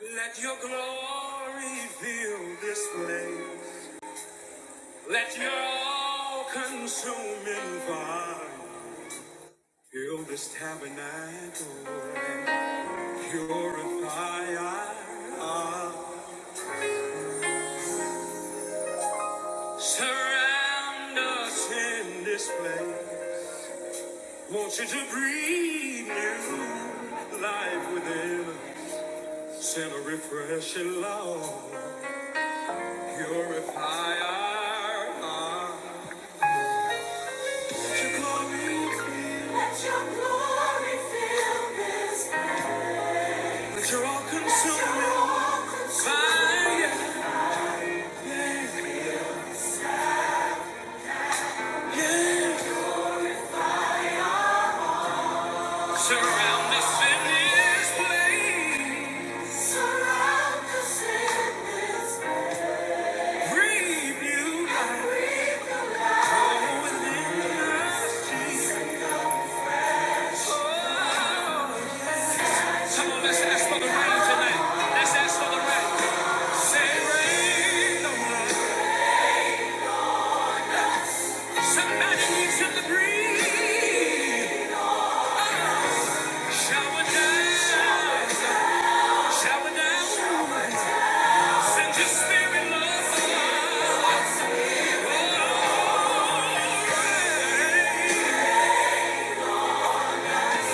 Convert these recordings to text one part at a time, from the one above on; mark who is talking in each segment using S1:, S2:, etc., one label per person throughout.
S1: Let your glory fill this place. Let your all consuming fire fill this tabernacle. Purify us. Surround us in this place. Want you to breathe new life within us. Send a refreshing love. Purify our hearts. Let your glory fill. Let your glory fill. Let your all-consuming fire, yeah. Surround us in place. Surround us in place. Breathe you life. Oh, within us, Jesus. Oh. Come on, let's ask for the rain tonight. Let's ask for the rain. Say rain on Somebody needs to breathe. Shower down, shower down, send your spirit, Lord.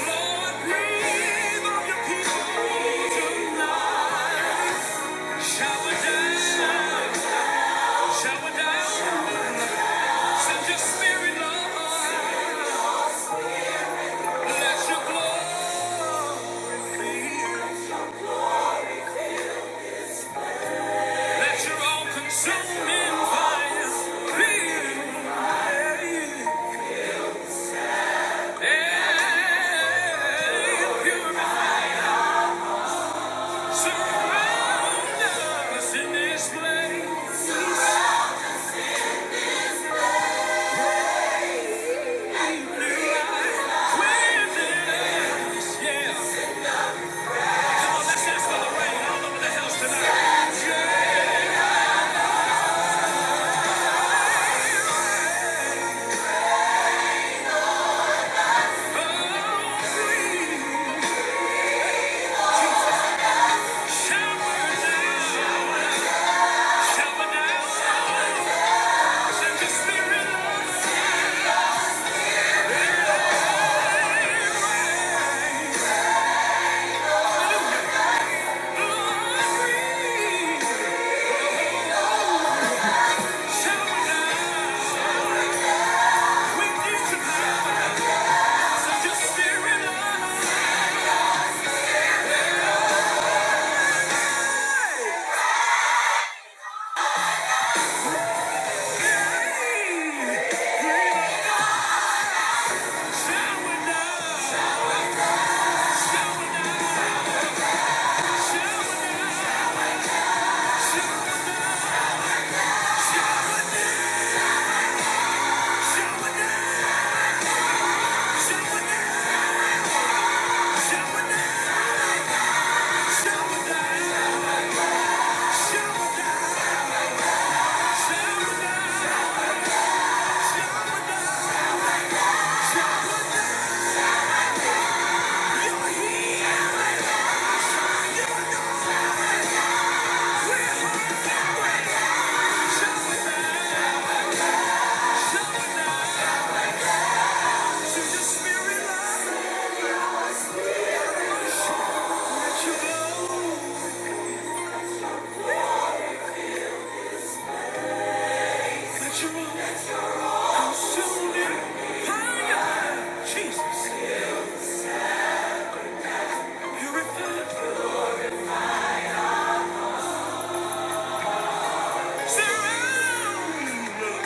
S1: Lord, breathe on your people tonight. Shower down, shower down, send your spirit, Lord. Let your glory, let your all-consuming fire breathe. Yeah, yeah, yeah. Surround us in this place. New life within us. Yeah. Come on, let's dance for the rain all over the house tonight. Yeah. Oh, breathe. Shower down. Shower down. Send your spirit on us. Oh, breathe. Shower down. We need your power. Send your spirit on us. Jesus, purify, surround us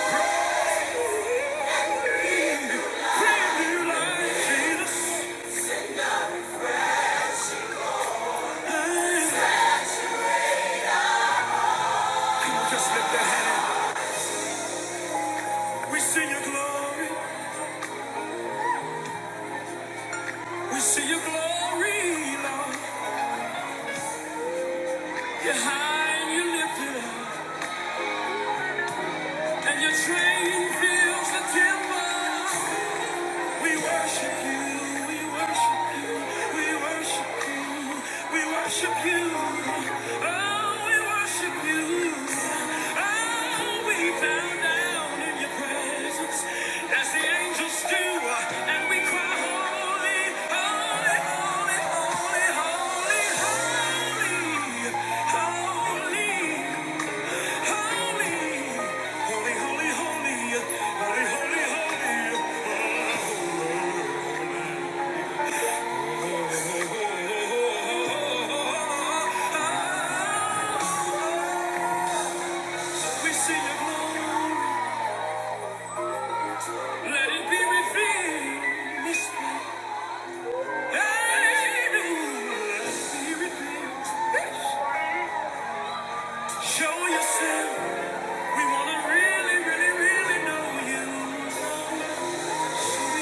S1: in Brand new life, Jesus. Come on, just lift that hand. We see your glory, we see your glory, Lord. You're high and you're lifted up, and your train fills the temple. We worship you, we worship you, we worship you, we worship you. Oh, we worship you. Oh, we bow down in your presence as the angels do, and we cry, Holy, holy, holy, holy, holy, holy, holy, holy, holy, holy, holy, holy, holy, holy. We see your glory. Let it be revealed. let it be revealed. Show yourself. We want to really, really, really know you. So we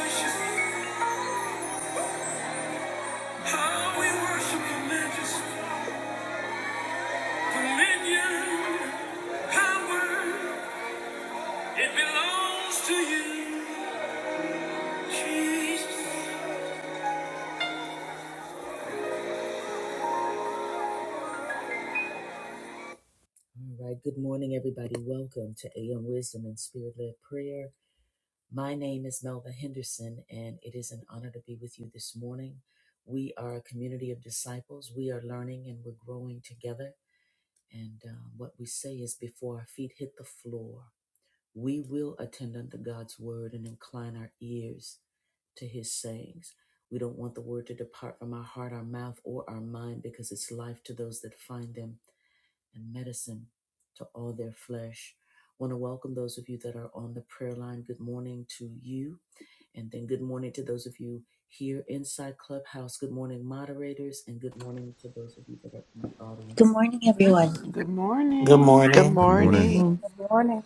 S1: worship How we worship your majesty. Dominion, power, it belongs to you. Trees.
S2: Good morning, everyone.
S3: Good
S4: Good
S3: morning.
S5: Good
S4: morning.
S6: Good morning.
S5: morning.
S7: Mhm.
S8: Good morning.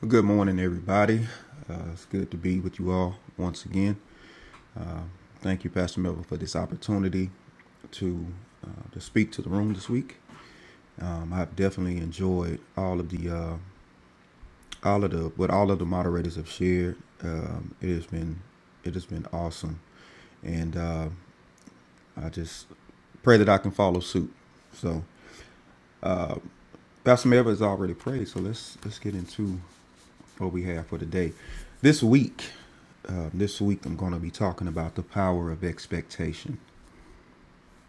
S6: Well, Good morning, everybody. Uh, it's good to be with you all once again. Thank you, Pastor Melvin, for this opportunity to uh, to speak to the room this week. Um, I've definitely enjoyed all of the uh, all of the what all of the moderators have shared. Um, it has been it has been awesome, and uh, I just pray that I can follow suit. So, Pastor Melvin has already prayed, so let's let's get into what we have for today. This week, uh, this week, I'm going to be talking about the power of expectation.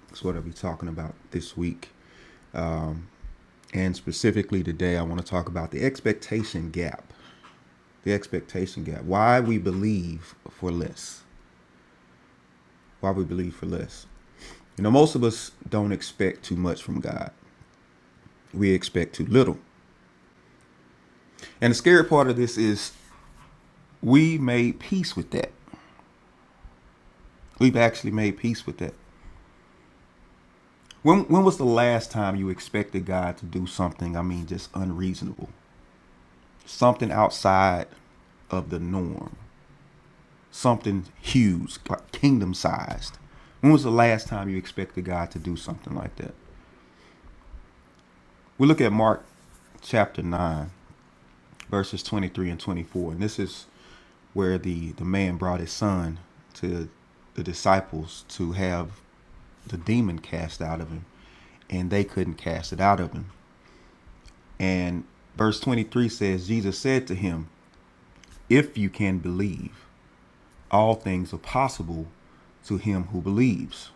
S6: That's what I'll be talking about this week. And specifically today, I want to talk about the expectation gap. The expectation gap. Why we believe for less. Why we believe for less. You know, most of us don't expect too much from God, we expect too little. And the scary part of this is we made peace with that. We've actually made peace with that. When when was the last time you expected God to do something? I mean, just unreasonable, something outside of the norm, something huge, like kingdom sized. When was the last time you expected God to do something like that? We look at Mark chapter nine, verses twenty three and twenty four, and this is where the the man brought his son to the disciples to have the demon cast out of him, and they couldn't cast it out of him. And verse 23 says, Jesus said to him, If you can believe, all things are possible to him who believes.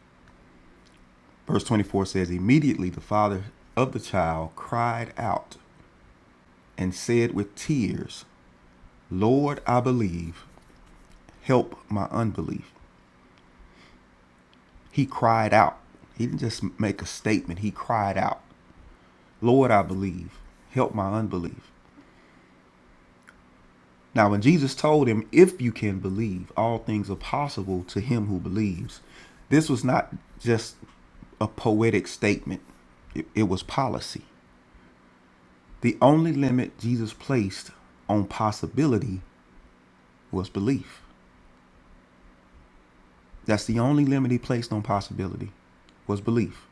S6: Verse 24 says, Immediately the father of the child cried out and said with tears, Lord, I believe, help my unbelief. He cried out. He didn't just make a statement, he cried out, Lord, I believe, help my unbelief. Now, when Jesus told him, If you can believe, all things are possible to him who believes, this was not just a poetic statement, it, it was policy. The only limit Jesus placed on possibility was belief. That's the only limit he placed on possibility was belief.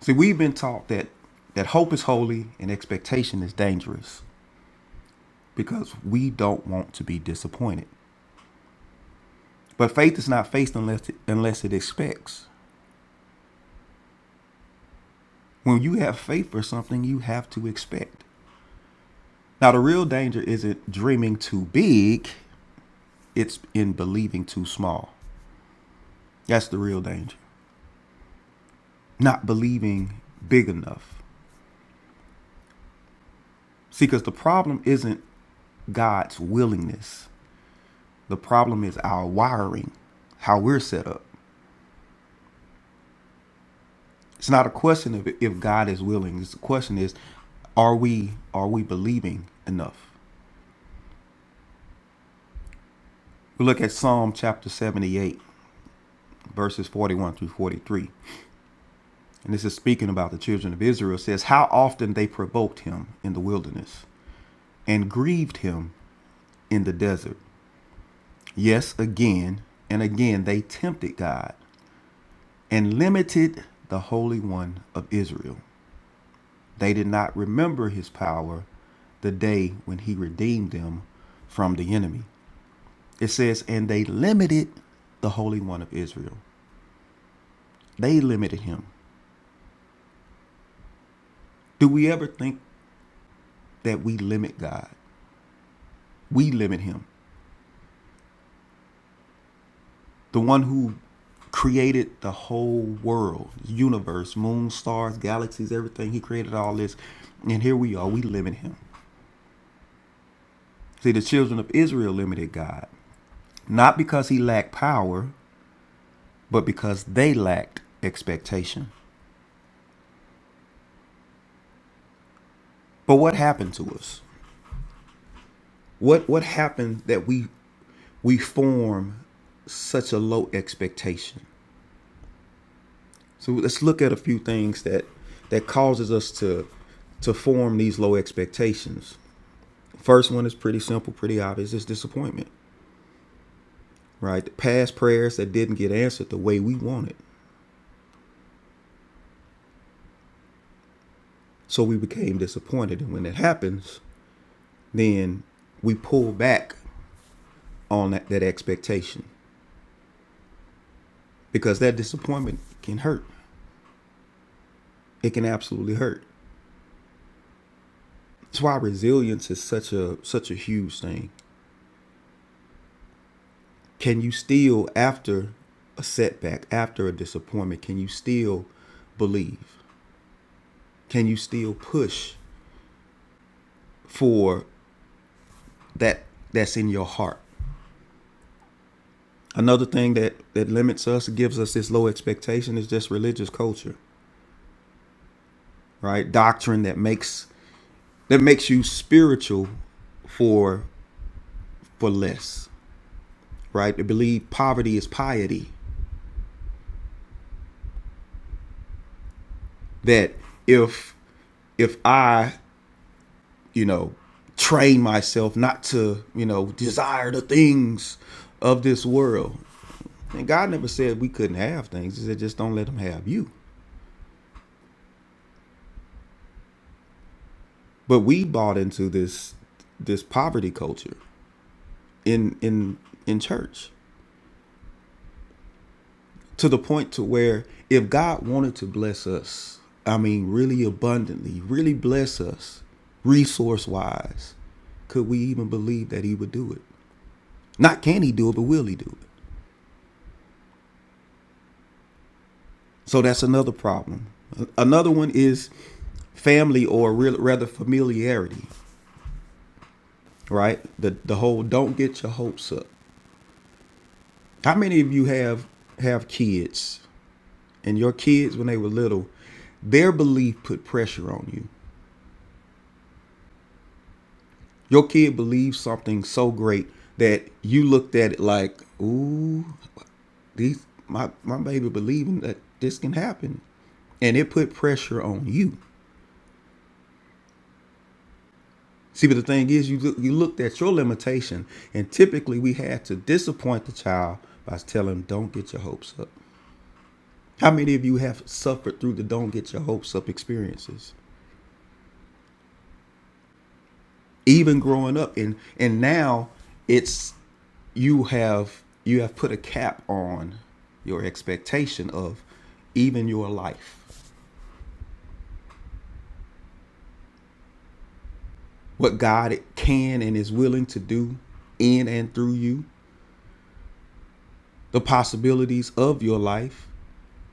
S6: See, we've been taught that that hope is holy and expectation is dangerous because we don't want to be disappointed. But faith is not faith unless it, unless it expects. when you have faith for something, you have to expect. Now, the real danger isn't dreaming too big, it's in believing too small. That's the real danger. Not believing big enough. See, because the problem isn't God's willingness, the problem is our wiring, how we're set up. It's not a question of if God is willing. It's the question is, are we are we believing enough? We look at Psalm chapter 78, verses 41 through 43. and this is speaking about the children of Israel, says, How often they provoked him in the wilderness and grieved him in the desert. Yes, again and again they tempted God and limited the Holy One of Israel. They did not remember his power the day when he redeemed them from the enemy. It says, And they limited the Holy One of Israel. They limited him. Do we ever think that we limit God? We limit him. the one who created the whole world, universe, moon, stars, galaxies, everything. He created all this. And here we are, we limit him. See, the children of Israel limited God, not because he lacked power, but because they lacked expectation. But what happened to us? What what happened that we we form such a low expectation? So let's look at a few things that that causes us to to form these low expectations. First one is pretty simple, pretty obvious. It's disappointment, right? The past prayers that didn't get answered the way we wanted. So we became disappointed. And when that happens, then we pull back on that, that expectation because that disappointment can hurt. It can absolutely hurt. That's why resilience is such a such a huge thing. Can you still after a setback, after a disappointment, can you still believe? Can you still push for that that's in your heart? another thing that that limits us gives us this low expectation is just religious culture right doctrine that makes that makes you spiritual for for less right to believe poverty is piety that if if i you know train myself not to you know desire the things of this world and god never said we couldn't have things he said just don't let them have you but we bought into this this poverty culture in in in church to the point to where if God wanted to bless us, I mean really abundantly, really bless us resource wise, could we even believe that he would do it? Not can he do it, but will he do it? So that's another problem. Another one is family or real, rather familiarity, right? The the whole don't get your hopes up. How many of you have have kids and your kids when they were little, their belief put pressure on you? Your kid believes something so great that you looked at it like, ooh, these my my baby believing that this can happen, and it put pressure on you. See, but the thing is, you you looked at your limitation, and typically we had to disappoint the child by telling them, "Don't get your hopes up." How many of you have suffered through the "Don't get your hopes up" experiences, even growing up, and and now it's you have you have put a cap on your expectation of even your life what god can and is willing to do in and through you the possibilities of your life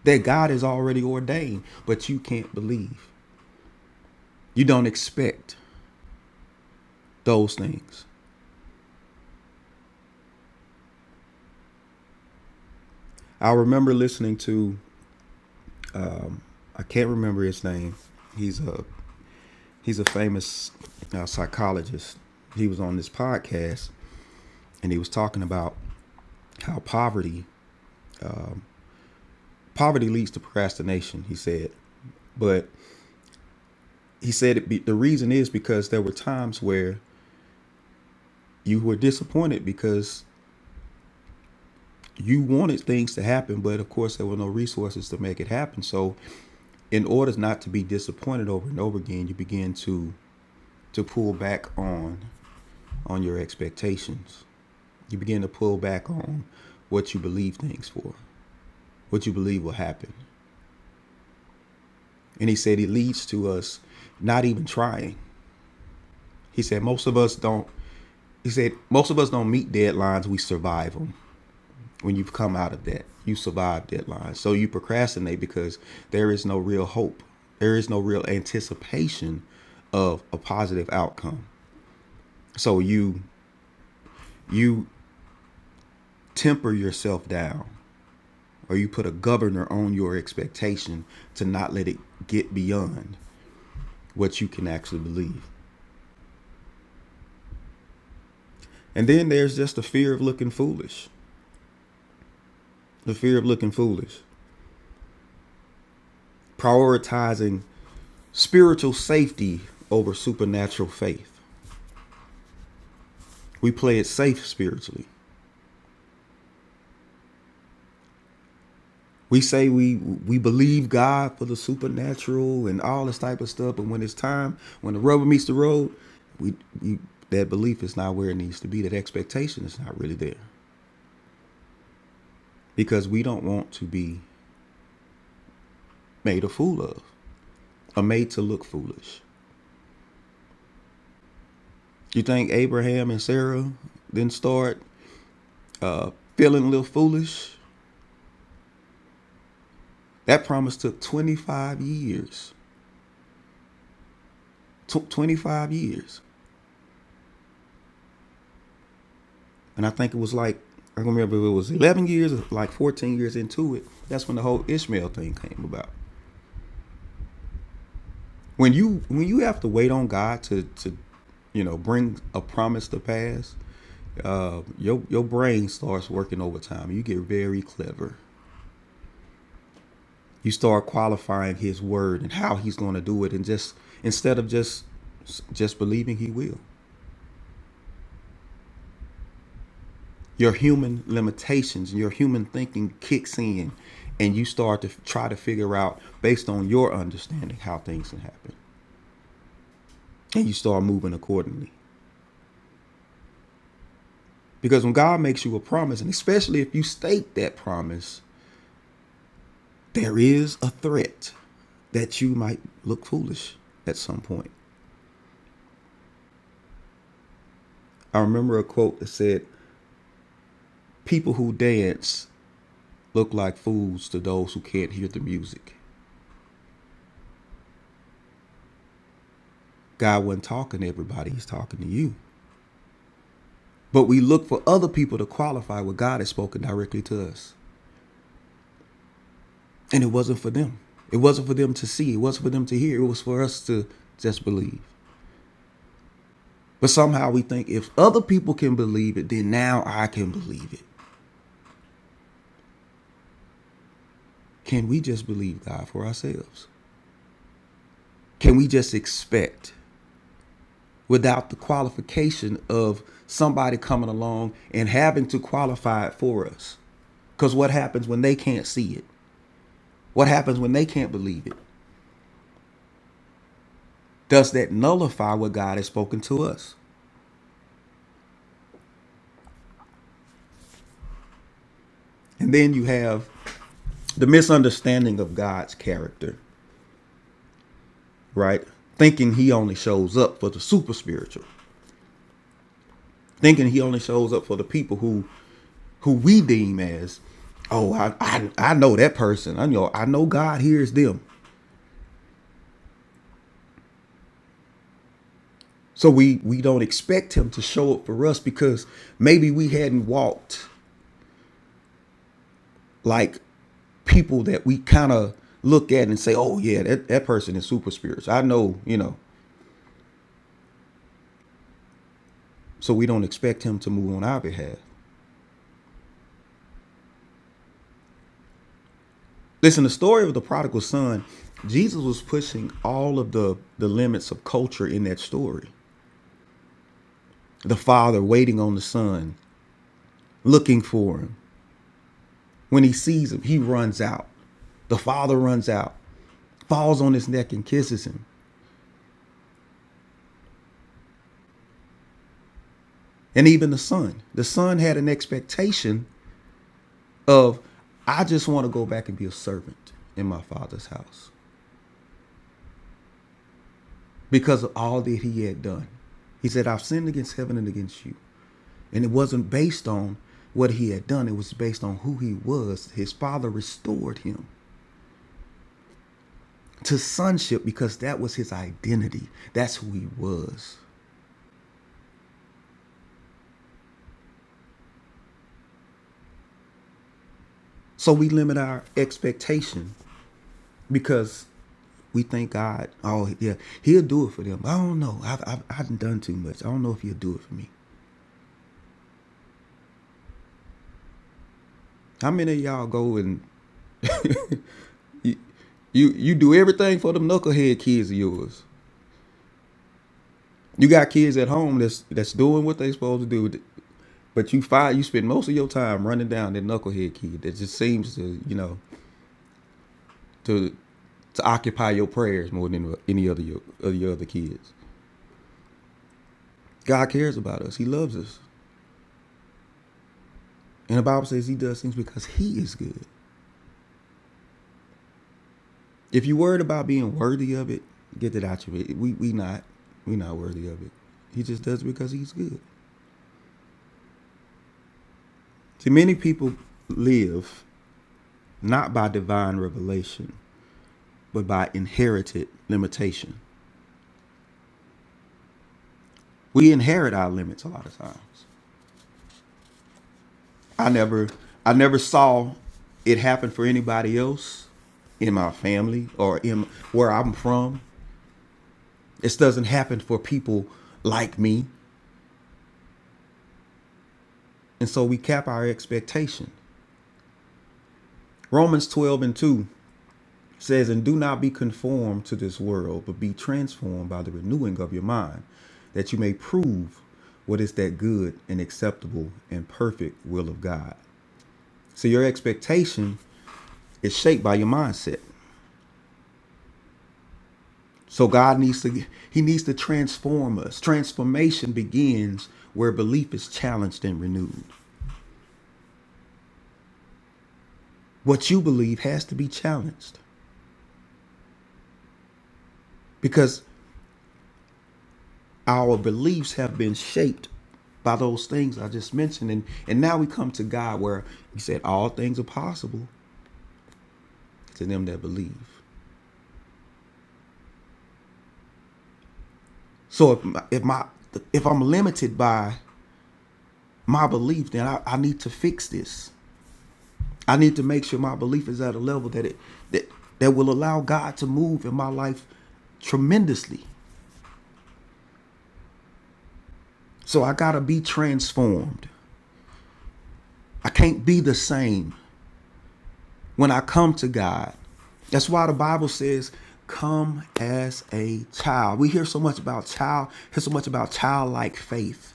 S6: that god has already ordained but you can't believe you don't expect those things i remember listening to i can't remember his name he's a he's a famous uh, psychologist he was on this podcast and he was talking about how poverty Poverty leads to procrastination, he said. But he said it be, the reason is because there were times where you were disappointed because you wanted things to happen, but of course there were no resources to make it happen. So, in order not to be disappointed over and over again, you begin to to pull back on on your expectations. You begin to pull back on what you believe things for, what you believe will happen. And he said it leads to us not even trying. He said most of us don't He said, most of us don't meet deadlines, we survive them. When you come out of that, you survive deadlines. So you procrastinate because there is no real hope. There is no real anticipation of a positive outcome. So you you temper yourself down or you put a governor on your expectation to not let it get beyond what you can actually believe. And then there's just the fear of looking foolish. The fear of looking foolish. Prioritizing spiritual safety over supernatural faith. We play it safe spiritually. We say we we believe God for the supernatural and all this type of stuff, but when it's time, when the rubber meets the road, we, we that belief is not where it needs to be. That expectation is not really there because we don't want to be made a fool of or made to look foolish. You think Abraham and Sarah didn't start uh, feeling a little foolish? That promise took 25 years tw- 25 years. And I think it was like, I don't remember if it was 11 years or like 14 years into it. That's when the whole Ishmael thing came about. When you when you have to wait on God to to you know bring a promise to pass, your your brain starts working overtime. You get very clever. You start qualifying His word and how He's going to do it, and just instead of just just believing He will. your human limitations and your human thinking kicks in and you start to try to figure out based on your understanding how things can happen and you start moving accordingly because when god makes you a promise and especially if you state that promise there is a threat that you might look foolish at some point i remember a quote that said people who dance look like fools to those who can't hear the music god wasn't talking to everybody he's talking to you But we look for other people to qualify what God has spoken directly to us. And it wasn't for them. It wasn't for them to see. It wasn't for them to hear. It was for us to just believe. But somehow we think if other people can believe it, then now I can believe it. Can we just believe God for ourselves? Can we just expect without the qualification of somebody coming along and having to qualify it for us? Because what happens when they can't see it? What happens when they can't believe it? does that nullify what God has spoken to us? And then you have the misunderstanding of God's character, right? Thinking he only shows up for the super spiritual, thinking he only shows up for the people who who we deem as, oh, I I, I know that person. I know I know God hears them. So we we don't expect him to show up for us because maybe we hadn't walked like people that we kind of look at and say, oh yeah, that, that person is super spiritual. I know, you know, So we don't expect him to move on our behalf. Listen, the story of the prodigal son, Jesus was pushing all of the, the limits of culture in that story. The father waiting on the son, looking for him. When he sees him, he runs out. The father runs out, falls on his neck and kisses him. And even the son. The son had an expectation of, I just want to go back and be a servant in my father's house because of all that he had done. He said, I've sinned against heaven and against you. And it wasn't based on what he had done, it was based on who he was. His father restored him to sonship because that was his identity, that's who he was. So we limit our expectation because we think God, oh, yeah, he'll do it for them. I don't know. I've, I've, I've done too much. I don't know if he'll do it for me. How many of y'all go and you, you do everything for them knucklehead kids of yours? You got kids at home that's that's doing what they supposed to do. But you find you spend most of your time running down that knucklehead kid that just seems to you know to to occupy your prayers more than any other your, of your other kids. God cares about us. He loves us, and the Bible says He does things because He is good. If you're worried about being worthy of it, get that out of it. We we not we not worthy of it. He just does it because He's good. See, many people live not by divine revelation, but by inherited limitation. We inherit our limits a lot of times. I never I never saw it happen for anybody else in my family or in where I'm from. This doesn't happen for people like me. And so we cap our expectation. Romans 12 and 2 says, And do not be conformed to this world, but be transformed by the renewing of your mind, that you may prove what is that good and acceptable and perfect will of God. So your expectation is shaped by your mindset. So God needs to he needs to transform us. Transformation begins where belief is challenged and renewed. What you believe has to be challenged because our beliefs have been shaped by those things I just mentioned and and now we come to God where he said all things are possible to them that believe. So if my, if my if I'm limited by my belief then I, I need to fix this. I need to make sure my belief is at a level that it that that will allow God to move in my life tremendously. So I got to be transformed. I can't be the same when I come to God. That's why the Bible says, "Come as a child." We hear so much about child, hear so much about childlike faith.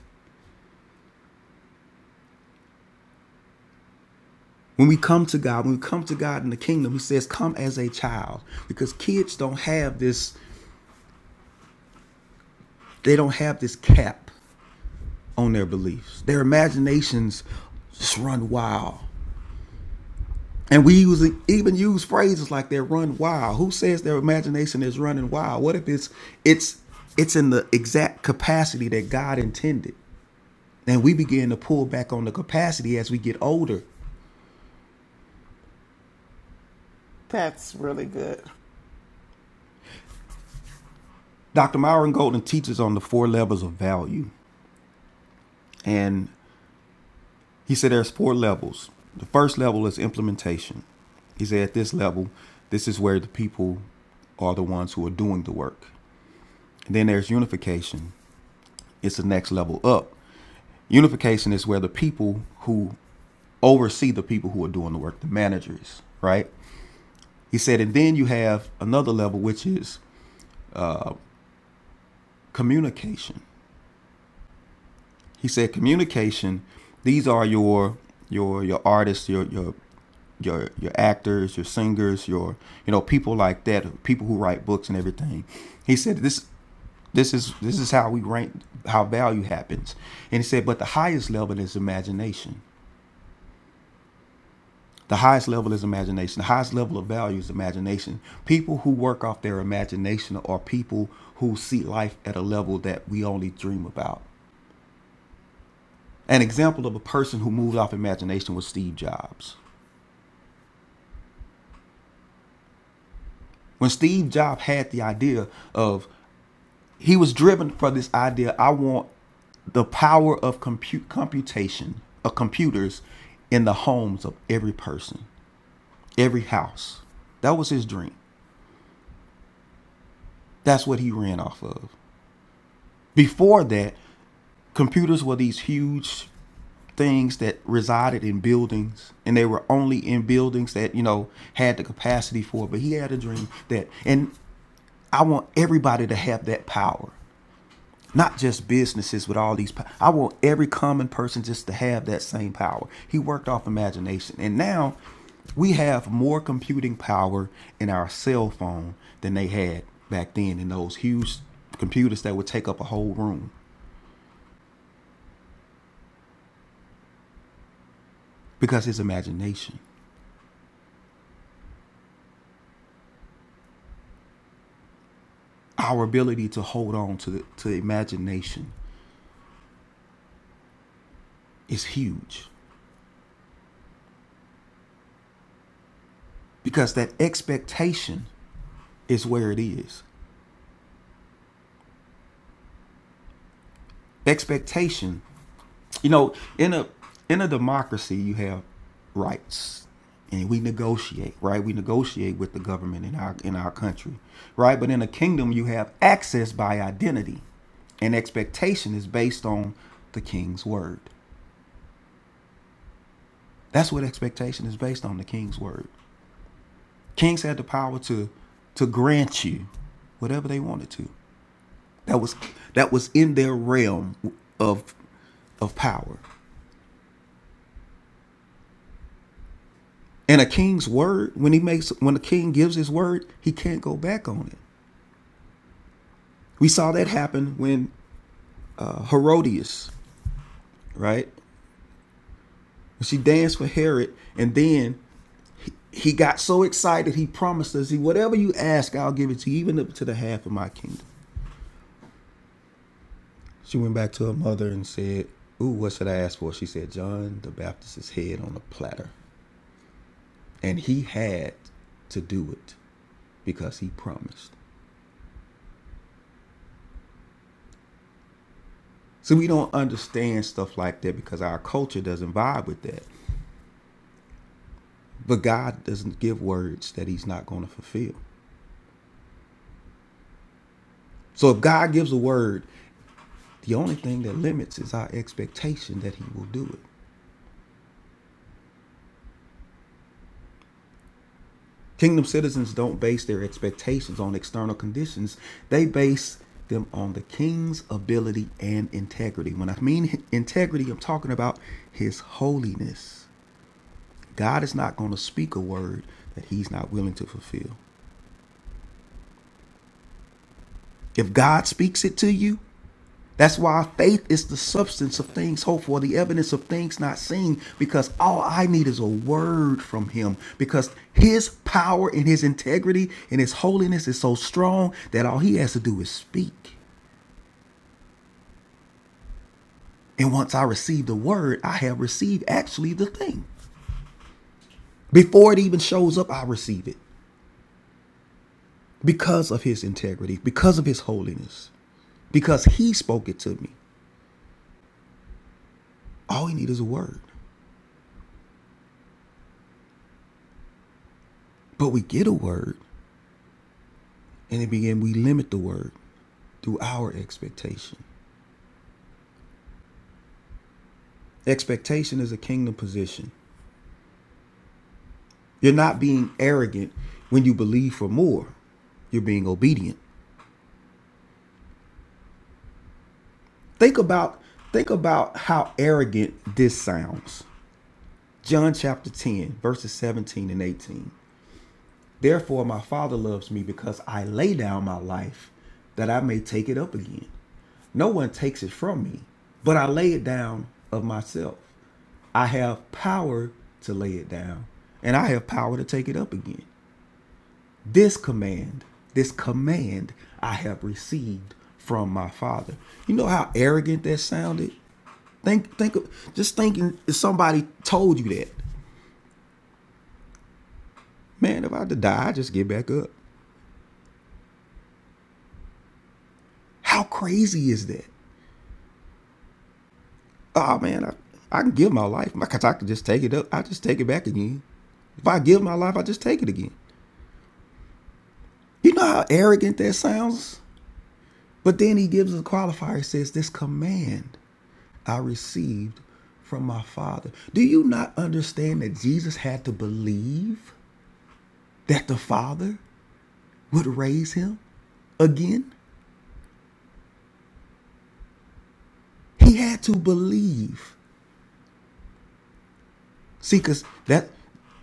S6: When we come to God, when we come to God in the kingdom, he says, "Come as a child," because kids don't have this they don't have this cap on their beliefs. Their imaginations just run wild. And we use, even use phrases like they run wild. Who says their imagination is running wild? What if it's it's it's in the exact capacity that God intended? And we begin to pull back on the capacity as we get older.
S3: That's really good.
S6: Dr. Myron Golden teaches on the four levels of value. And he said there's four levels. The first level is implementation. He said at this level, this is where the people are the ones who are doing the work. And Then there's unification. It's the next level up. Unification is where the people who oversee the people who are doing the work, the managers, right? He said, and then you have another level, which is communication. He said, communication, these are your your your artists, your your your your actors, your singers, your you know, people like that, people who write books and everything. He said this this is this is how we rank how value happens. And he said, but the highest level is imagination. The highest level is imagination. The highest level of value is imagination. People who work off their imagination are people who see life at a level that we only dream about. An example of a person who moved off imagination was Steve Jobs. When Steve Jobs had the idea of, he was driven for this idea I want the power of compute computation of computers in the homes of every person, every house. That was his dream. That's what he ran off of. Before that, computers were these huge things that resided in buildings and they were only in buildings that you know had the capacity for it but he had a dream that and i want everybody to have that power not just businesses with all these i want every common person just to have that same power he worked off imagination and now we have more computing power in our cell phone than they had back then in those huge computers that would take up a whole room because his imagination our ability to hold on to the, to imagination is huge because that expectation is where it is. Expectation, you know, in a in a democracy, you have rights, and we negotiate, right? We negotiate with the government in our in our country, right? But in a kingdom, you have access by identity, and expectation is based on the king's word. That's what expectation is based on, the king's word. Kings had the power to to grant you whatever they wanted to. That was that was in their realm of of power. And a king's word, when he makes when a king gives his word, he can't go back on it. We saw that happen when uh, Herodias, right? she danced for Herod, and then he got so excited he promised us, "He whatever you ask, I'll give it to you, even up to the half of my kingdom." She went back to her mother and said, Ooh, what should I ask for? She said, John the Baptist's head on a platter. And he had to do it because he promised. So we don't understand stuff like that because our culture doesn't vibe with that. But God doesn't give words that he's not going to fulfill. So if God gives a word, the only thing that limits is our expectation that he will do it. Kingdom citizens don't base their expectations on external conditions, they base them on the king's ability and integrity. When I mean integrity, I'm talking about his holiness. God is not going to speak a word that he's not willing to fulfill. If God speaks it to you, That's why faith is the substance of things hoped for, the evidence of things not seen, because all I need is a word from him. Because his power and his integrity and his holiness is so strong that all he has to do is speak. And once I receive the word, I have received actually the thing. Before it even shows up, I receive it because of his integrity, because of his holiness, because he spoke it to me. All we need is a word. But we get a word and then begin we limit the word. through our expectation. Expectation is a kingdom position. You're not being arrogant when you believe for more. You're being obedient. Think about think about how arrogant this sounds. John chapter 10, verses 17 and 18. Therefore my Father loves me because I lay down my life that I may take it up again. No one takes it from me, but I lay it down of myself. I have power to lay it down, and I have power to take it up again. This command, this command I have received from my father. You know how arrogant that sounded? Think think of just thinking if somebody told you that. Man, if I had to die, I just get back up. How crazy is that? oh man, I, I can give my life because I can just take it up. I just take it back again. If I give my life, I just take it again. You know how arrogant that sounds? But then he gives a qualifier. He says, This command I received from my Father. Do you not understand that Jesus had to believe that the Father would raise him again? He had to believe See, cause that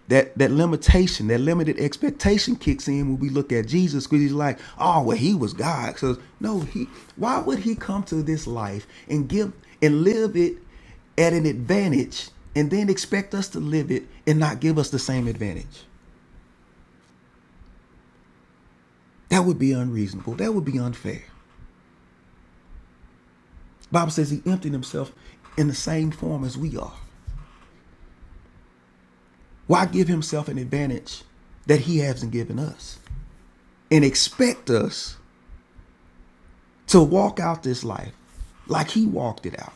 S6: that that limitation, that limited expectation kicks in when we look at Jesus, because he's like, oh, well, he was God. So no, he why would he come to this life and give and live it at an advantage and then expect us to live it and not give us the same advantage? That would be unreasonable. That would be unfair. The Bible says he emptied himself in the same form as we are. Why give himself an advantage that he hasn't given us? And expect us to walk out this life like he walked it out.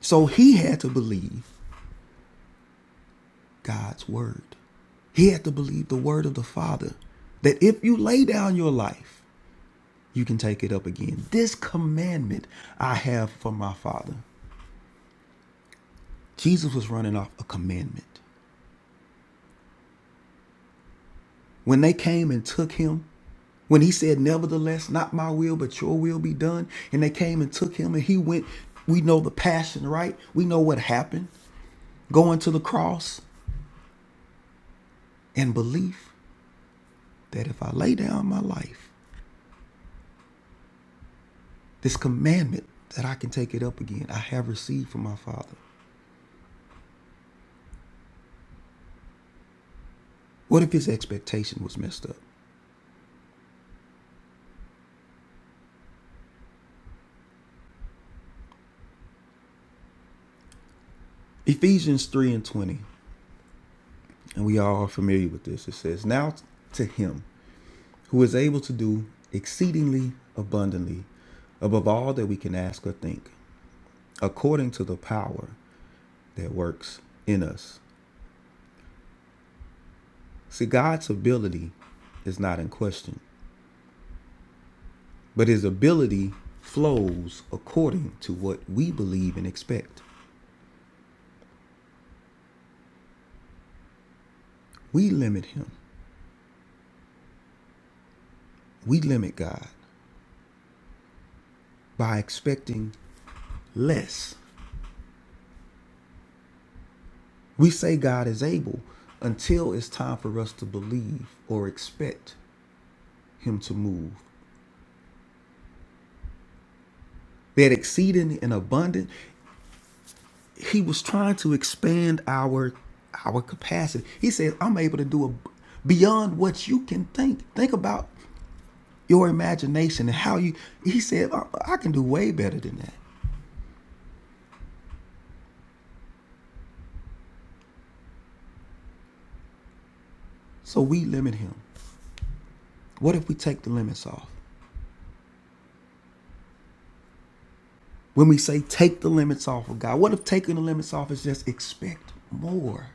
S6: So he had to believe God's word. He had to believe the word of the Father that if you lay down your life, you can take it up again. This commandment I have from my Father. Jesus was running off a commandment. When they came and took him, when he said, Nevertheless, not my will, but your will be done, and they came and took him, and he went, we know the passion, right? We know what happened going to the cross and belief. that if I lay down my life, this commandment that I can take it up again, I have received from my Father. What if his expectation was messed up? Ephesians 3 and 20, and we all are familiar with this, it says, Now to him who is able to do exceedingly abundantly above all that we can ask or think, according to the power that works in us. See, God's ability is not in question, but his ability flows according to what we believe and expect. We limit him. We limit God by expecting less. We say God is able until it's time for us to believe or expect him to move. That exceeding and abundant, he was trying to expand our our capacity. He said, I'm able to do a, beyond what you can think. Think about your imagination and how you he said, I I can do way better than that. So we limit him. What if we take the limits off? When we say take the limits off of God, what if taking the limits off is just expect more?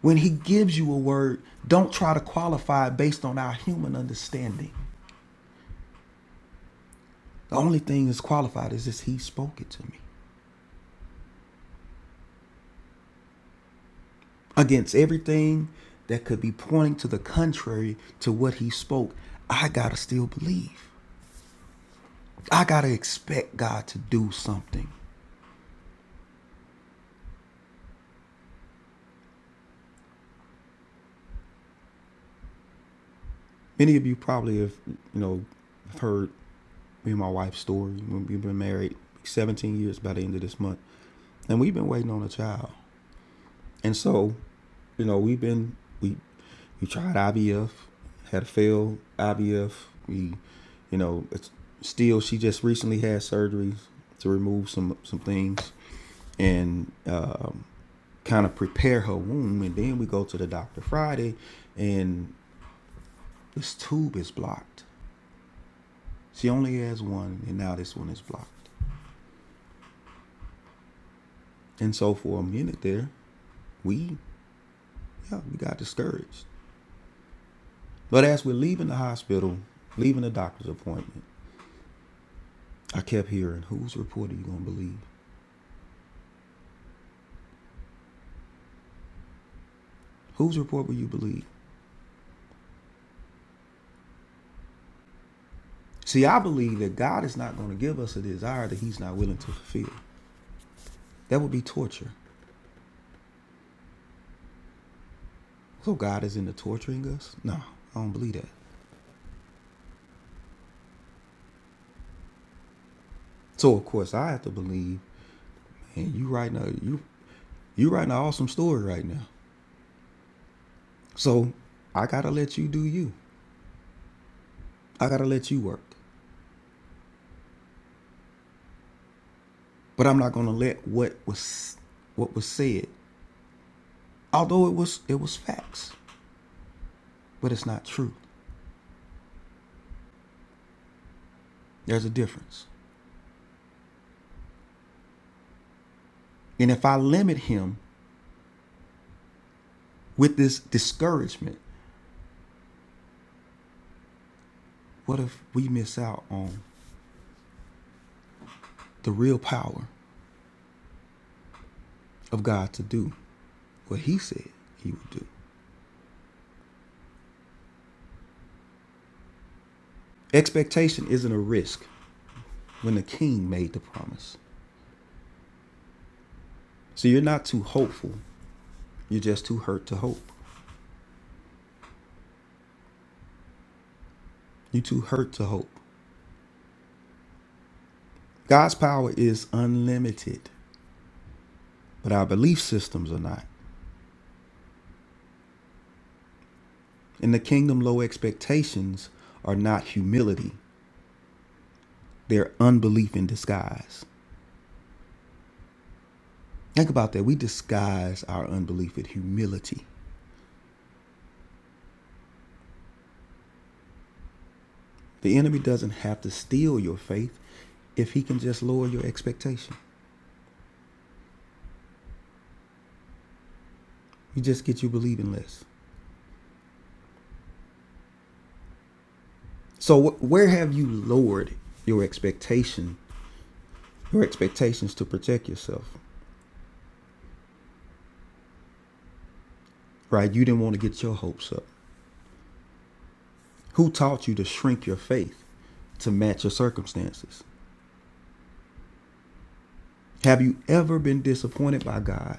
S6: When He gives you a word, don't try to qualify it based on our human understanding. The only thing that's qualified is just He spoke it to me. Against everything that could be pointing to the contrary to what He spoke, I gotta still believe. I gotta expect God to do something. Many of you probably have, you know, heard me and my wife's story. We've been married 17 years by the end of this month, and we've been waiting on a child. And so, you know, we've been we we tried IVF, had a failed IVF. We, you know, it's still she just recently had surgery to remove some some things and uh, kind of prepare her womb. And then we go to the doctor Friday, and this tube is blocked. She only has one, and now this one is blocked. And so for a minute there, we yeah we got discouraged but as we're leaving the hospital leaving the doctor's appointment i kept hearing whose report are you going to believe whose report will you believe see i believe that god is not going to give us a desire that he's not willing to fulfill that would be torture so god is into torturing us no i don't believe that so of course i have to believe and you right now you you writing an awesome story right now so i gotta let you do you i gotta let you work but i'm not gonna let what was what was said although it was it was facts, but it's not true. There's a difference. And if I limit him with this discouragement, what if we miss out on the real power of God to do what he said he would do? Expectation isn't a risk when the king made the promise. So you're not too hopeful, you're just too hurt to hope. You're too hurt to hope. God's power is unlimited, but our belief systems are not. In the kingdom, low expectations are not humility, their unbelief in disguise. Think about that. We disguise our unbelief with humility. The enemy doesn't have to steal your faith if he can just lower your expectation. He just gets you believing less. So wh- where have you lowered your expectation, your expectations to protect yourself? Right? You didn't want to get your hopes up. Who taught you to shrink your faith to match your circumstances? Have you ever been disappointed by God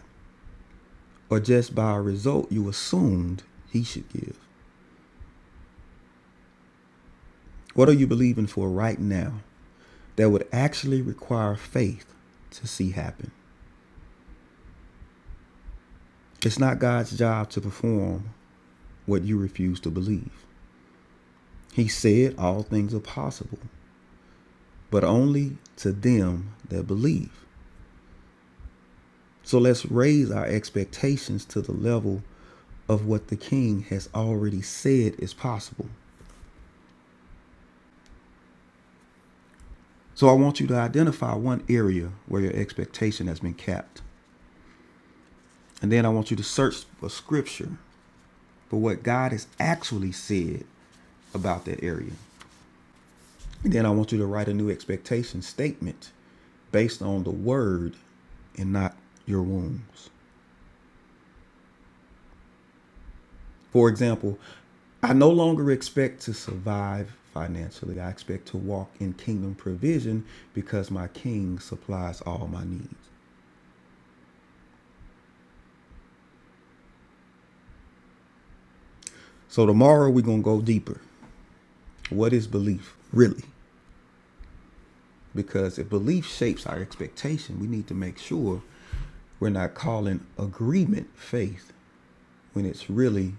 S6: or just by a result you assumed he should give? What are you believing for right now that would actually require faith to see happen? It's not God's job to perform what you refuse to believe. He said all things are possible, but only to them that believe. So let's raise our expectations to the level of what the king has already said is possible. So I want you to identify one area where your expectation has been capped. And then I want you to search for scripture but what God has actually said about that area. And Then I want you to write a new expectation statement based on the word and not your wounds. For example, I no longer expect to survive financially. I expect to walk in kingdom provision because my king supplies all my needs. So tomorrow we're going to go deeper. What is belief really? Because if belief shapes our expectation, we need to make sure we're not calling agreement faith when it's really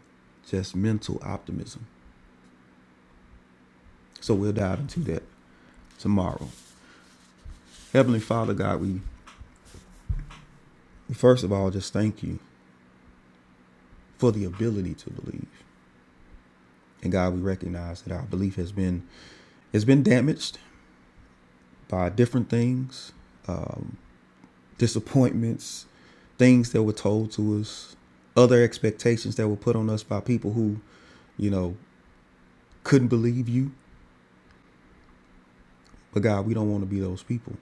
S6: just mental optimism. So we'll dive into that tomorrow. Heavenly Father, God, we first of all just thank you for the ability to believe. And God, we recognize that our belief has been has been damaged by different things, disappointments, things that were told to us, other expectations that were put on us by people who, you know, couldn't believe you. But God, we don't want to be those people.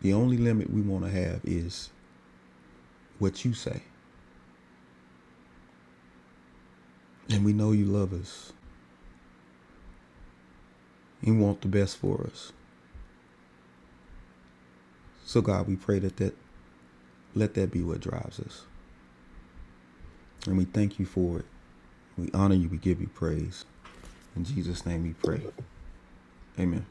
S6: The only limit we want to have is what you say. And we know you love us and want the best for us. So God, we pray that, that let that be what drives us. And we thank you for it. We honor you. We give you praise. In Jesus' name we pray. Amen.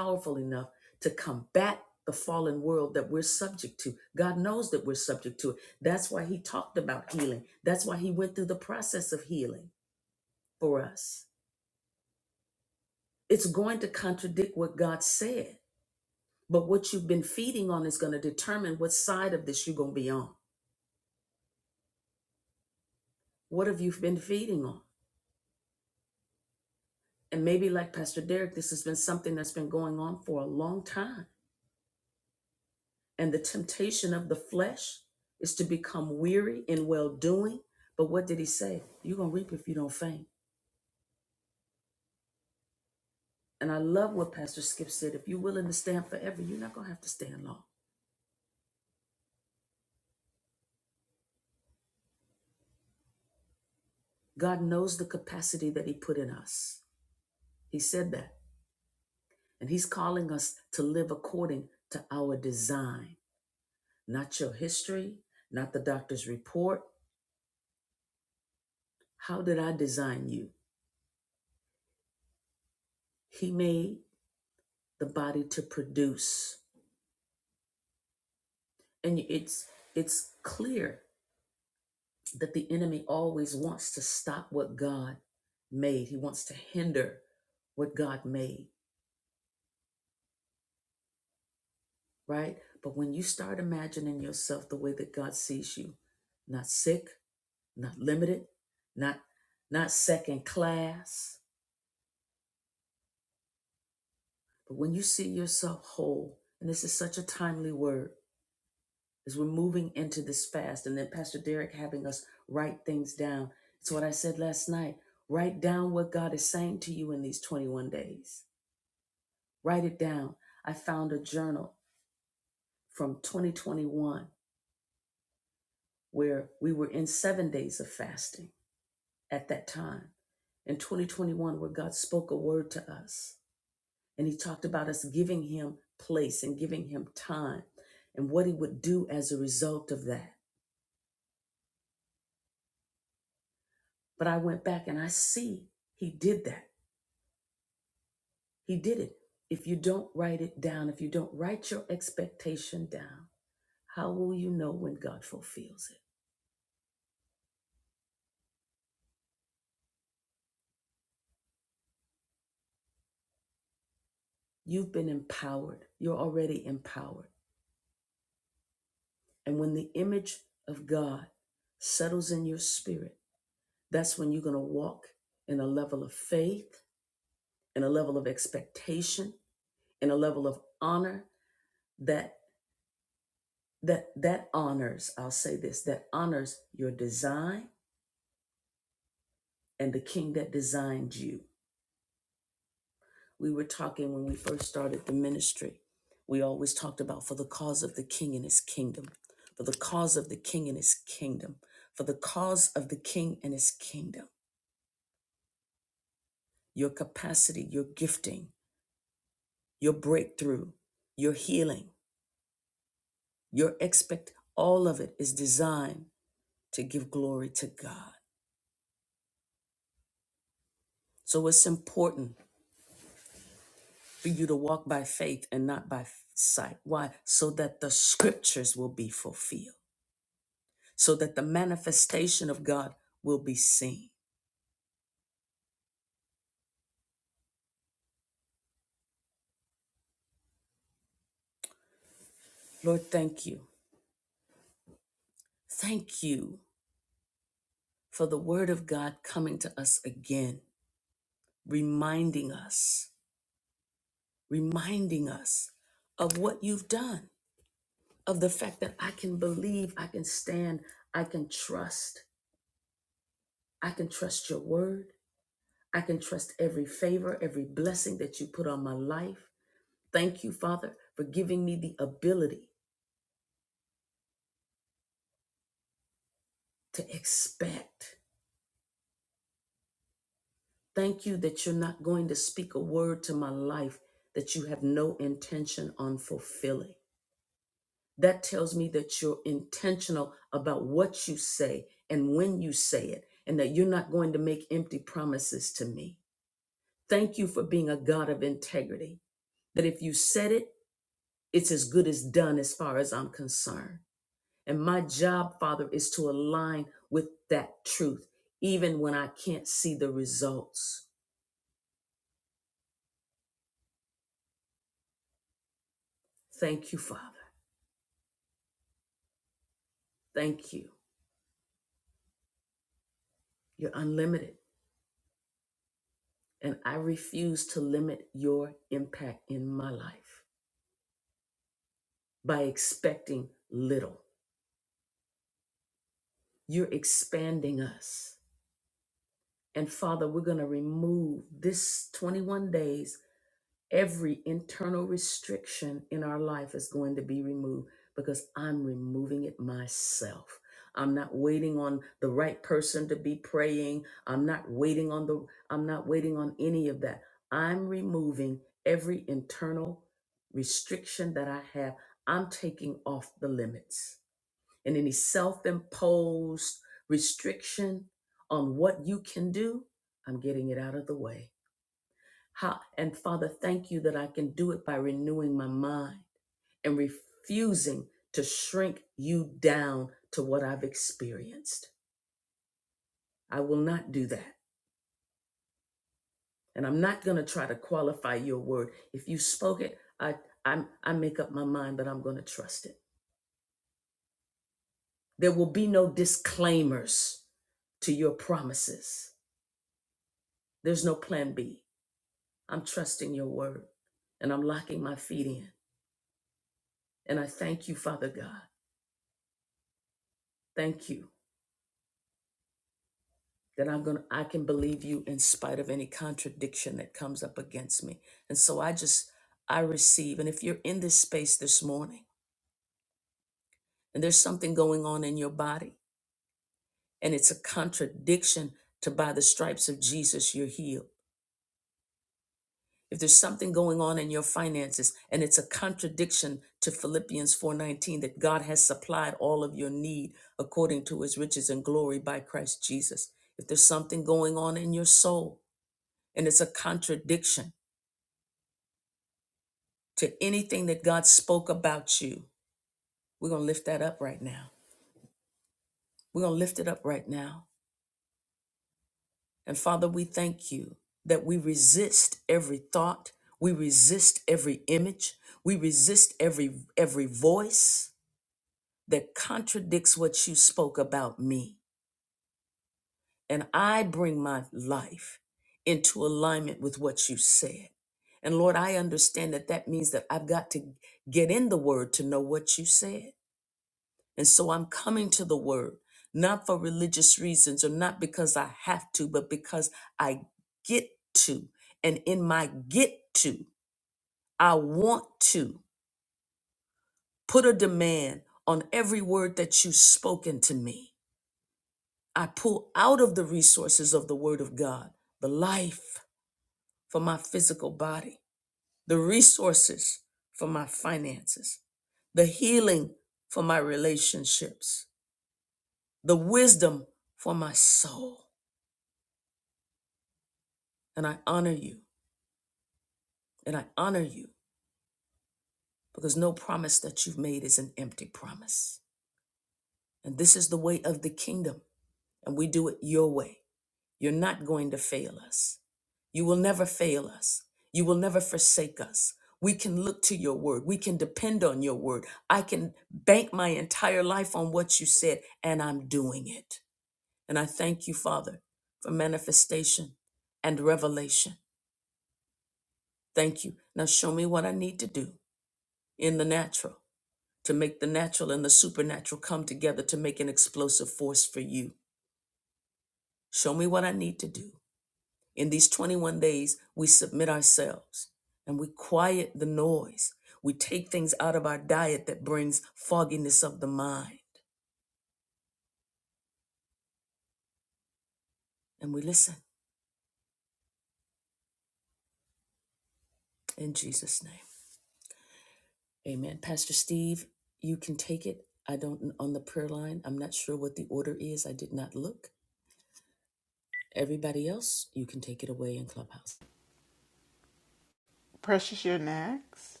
S3: Precious, you're next.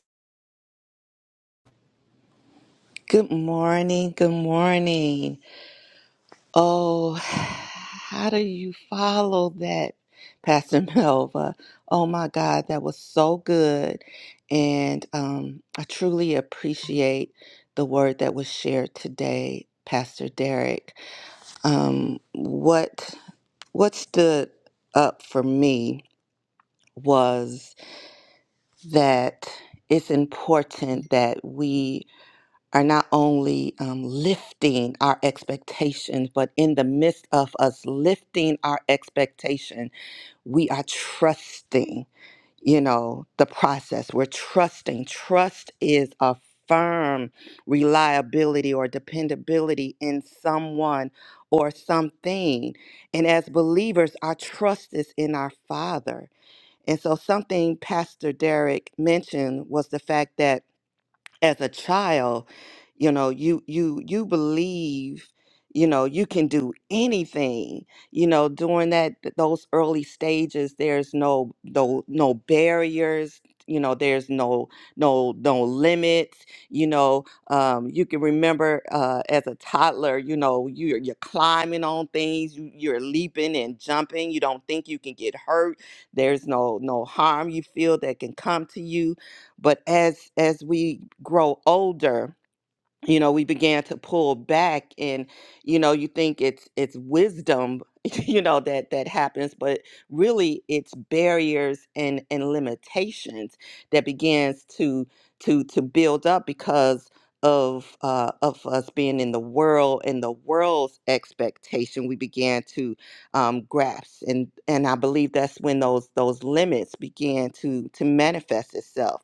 S5: Good morning. Good morning. Oh, how do you follow that, Pastor Melva? Oh my God, that was so good. And um, I truly appreciate the word that was shared today, Pastor Derek. Um, what what stood up for me was that it's important that we are not only um, lifting our expectations, but in the midst of us lifting our expectation, we are trusting, you know, the process. We're trusting. Trust is a firm reliability or dependability in someone or something. And as believers, our trust is in our Father. And so, something Pastor Derek mentioned was the fact that as a child you know you you you believe you know you can do anything you know during that th- those early stages there's no no no barriers you know there's no no no limits you know um you can remember uh as a toddler you know you're you're climbing on things you, you're leaping and jumping you don't think you can get hurt there's no no harm you feel that can come to you but as as we grow older you know we began to pull back and you know you think it's it's wisdom you know that that happens but really it's barriers and and limitations that begins to to to build up because of uh of us being in the world and the world's expectation we began to um grasp and and i believe that's when those those limits began to to manifest itself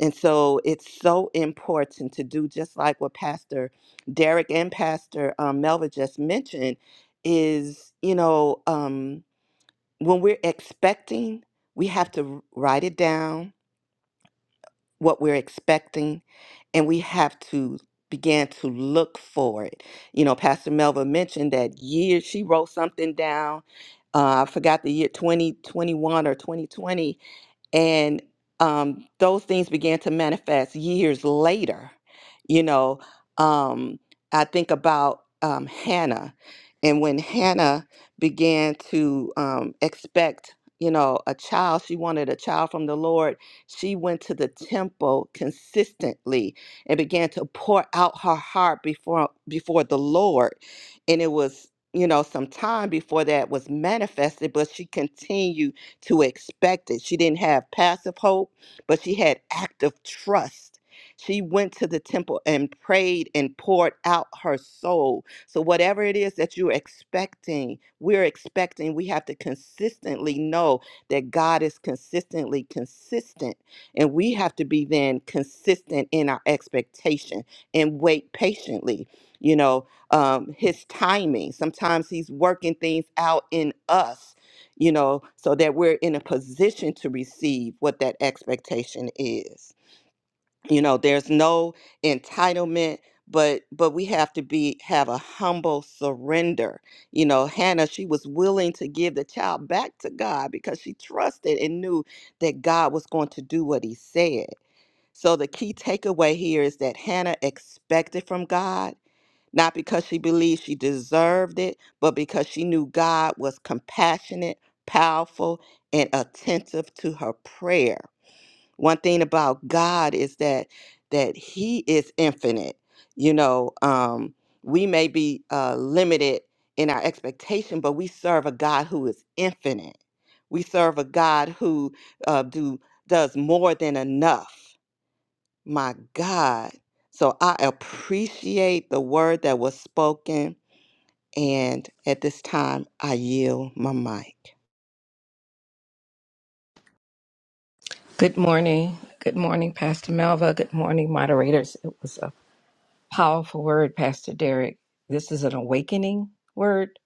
S5: and so it's so important to do just like what Pastor Derek and Pastor um, Melva just mentioned is, you know, um, when we're expecting, we have to write it down, what we're expecting, and we have to begin to look for it. You know, Pastor Melva mentioned that year she wrote something down. Uh, I forgot the year 2021 or 2020 and um, those things began to manifest years later. You know, um, I think about um, Hannah, and when Hannah began to um, expect, you know, a child, she wanted a child from the Lord. She went to the temple consistently and began to pour out her heart before before the Lord, and it was. You know, some time before that was manifested, but she continued to expect it. She didn't have passive hope, but she had active trust. She went to the temple and prayed and poured out her soul. So, whatever it is that you're expecting, we're expecting, we have to consistently know that God is consistently consistent. And we have to be then consistent in our expectation and wait patiently. You know, um, his timing. Sometimes he's working things out in us you know, so that we're in a position to receive what that expectation is. You know, there's no entitlement, but but we have to be have a humble surrender. You know, Hannah, she was willing to give the child back to God because she trusted and knew that God was going to do what he said. So the key takeaway here is that Hannah expected from God not because she believed she deserved it, but because she knew God was compassionate, powerful, and attentive to her prayer. One thing about God is that that He is infinite. You know, um, we may be uh, limited in our expectation, but we serve a God who is infinite. We serve a God who uh, do does more than enough. My God. So I appreciate the word that was spoken. And at this time, I yield my mic.
S9: Good morning. Good morning, Pastor Melva. Good morning, moderators. It was a powerful word, Pastor Derek. This is an awakening word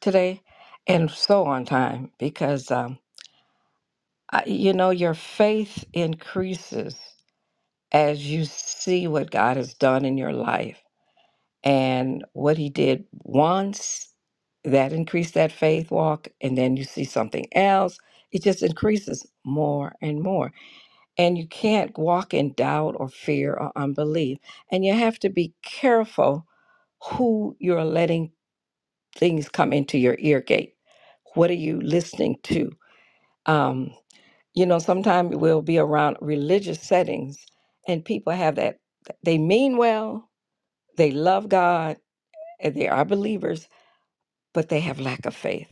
S9: today and so on time because, um, I, you know, your faith increases as you see what God has done in your life and what He did once. That increased that faith walk, and then you see something else. It just increases more and more. and you can't walk in doubt or fear or unbelief. And you have to be careful who you're letting things come into your ear gate. What are you listening to? Um, you know, sometimes we'll be around religious settings and people have that, they mean well, they love God, and they are believers, but they have lack of faith.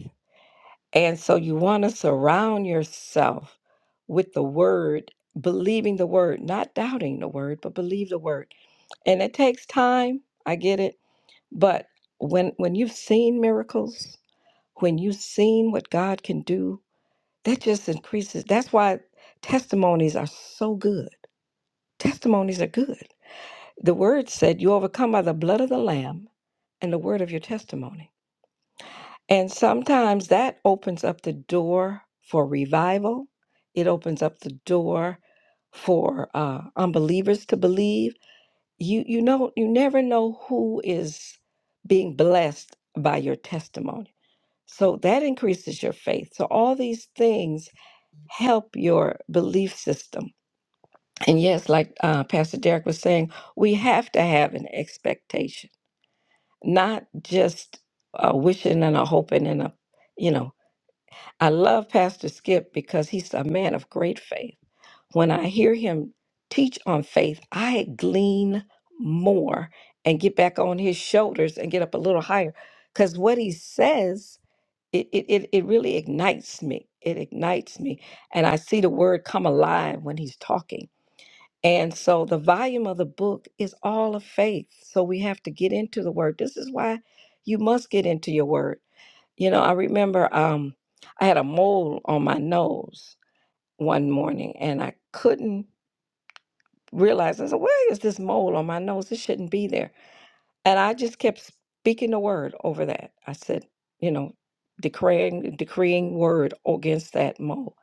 S9: And so you want to surround yourself with the word, believing the word, not doubting the word, but believe the word and it takes time i get it but when when you've seen miracles when you've seen what god can do that just increases that's why testimonies are so good testimonies are good the word said you overcome by the blood of the lamb and the word of your testimony and sometimes that opens up the door for revival it opens up the door for uh, unbelievers to believe you you know you never know who is being blessed by your testimony so that increases your faith so all these things help your belief system and yes like uh, pastor derek was saying we have to have an expectation not just a wishing and a hoping and a you know i love pastor skip because he's a man of great faith when I hear him teach on faith, I glean more and get back on his shoulders and get up a little higher. Because what he says, it, it, it, it really ignites me. It ignites me. And I see the word come alive when he's talking. And so the volume of the book is all of faith. So we have to get into the word. This is why you must get into your word. You know, I remember um, I had a mole on my nose one morning and I couldn't realized, I said, where is this mole on my nose? This shouldn't be there. And I just kept speaking the word over that. I said, you know, decreeing decreeing word against that mole.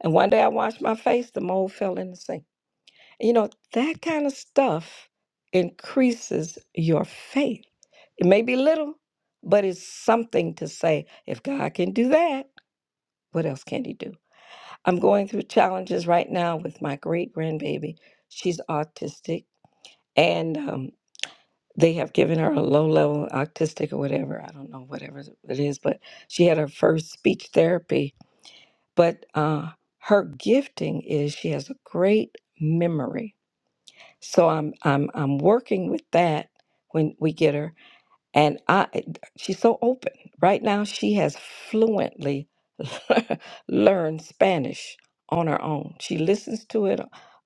S9: And one day I washed my face, the mole fell in the sink. You know, that kind of stuff increases your faith. It may be little, but it's something to say, if God can do that, what else can he do? I'm going through challenges right now with my great grandbaby. She's autistic and um, they have given her a low level autistic or whatever i don't know whatever it is but she had her first speech therapy but uh, her gifting is she has a great memory so i'm i'm i'm working with that when we get her and I, she's so open. Right now, she has fluently learned Spanish on her own. She listens to it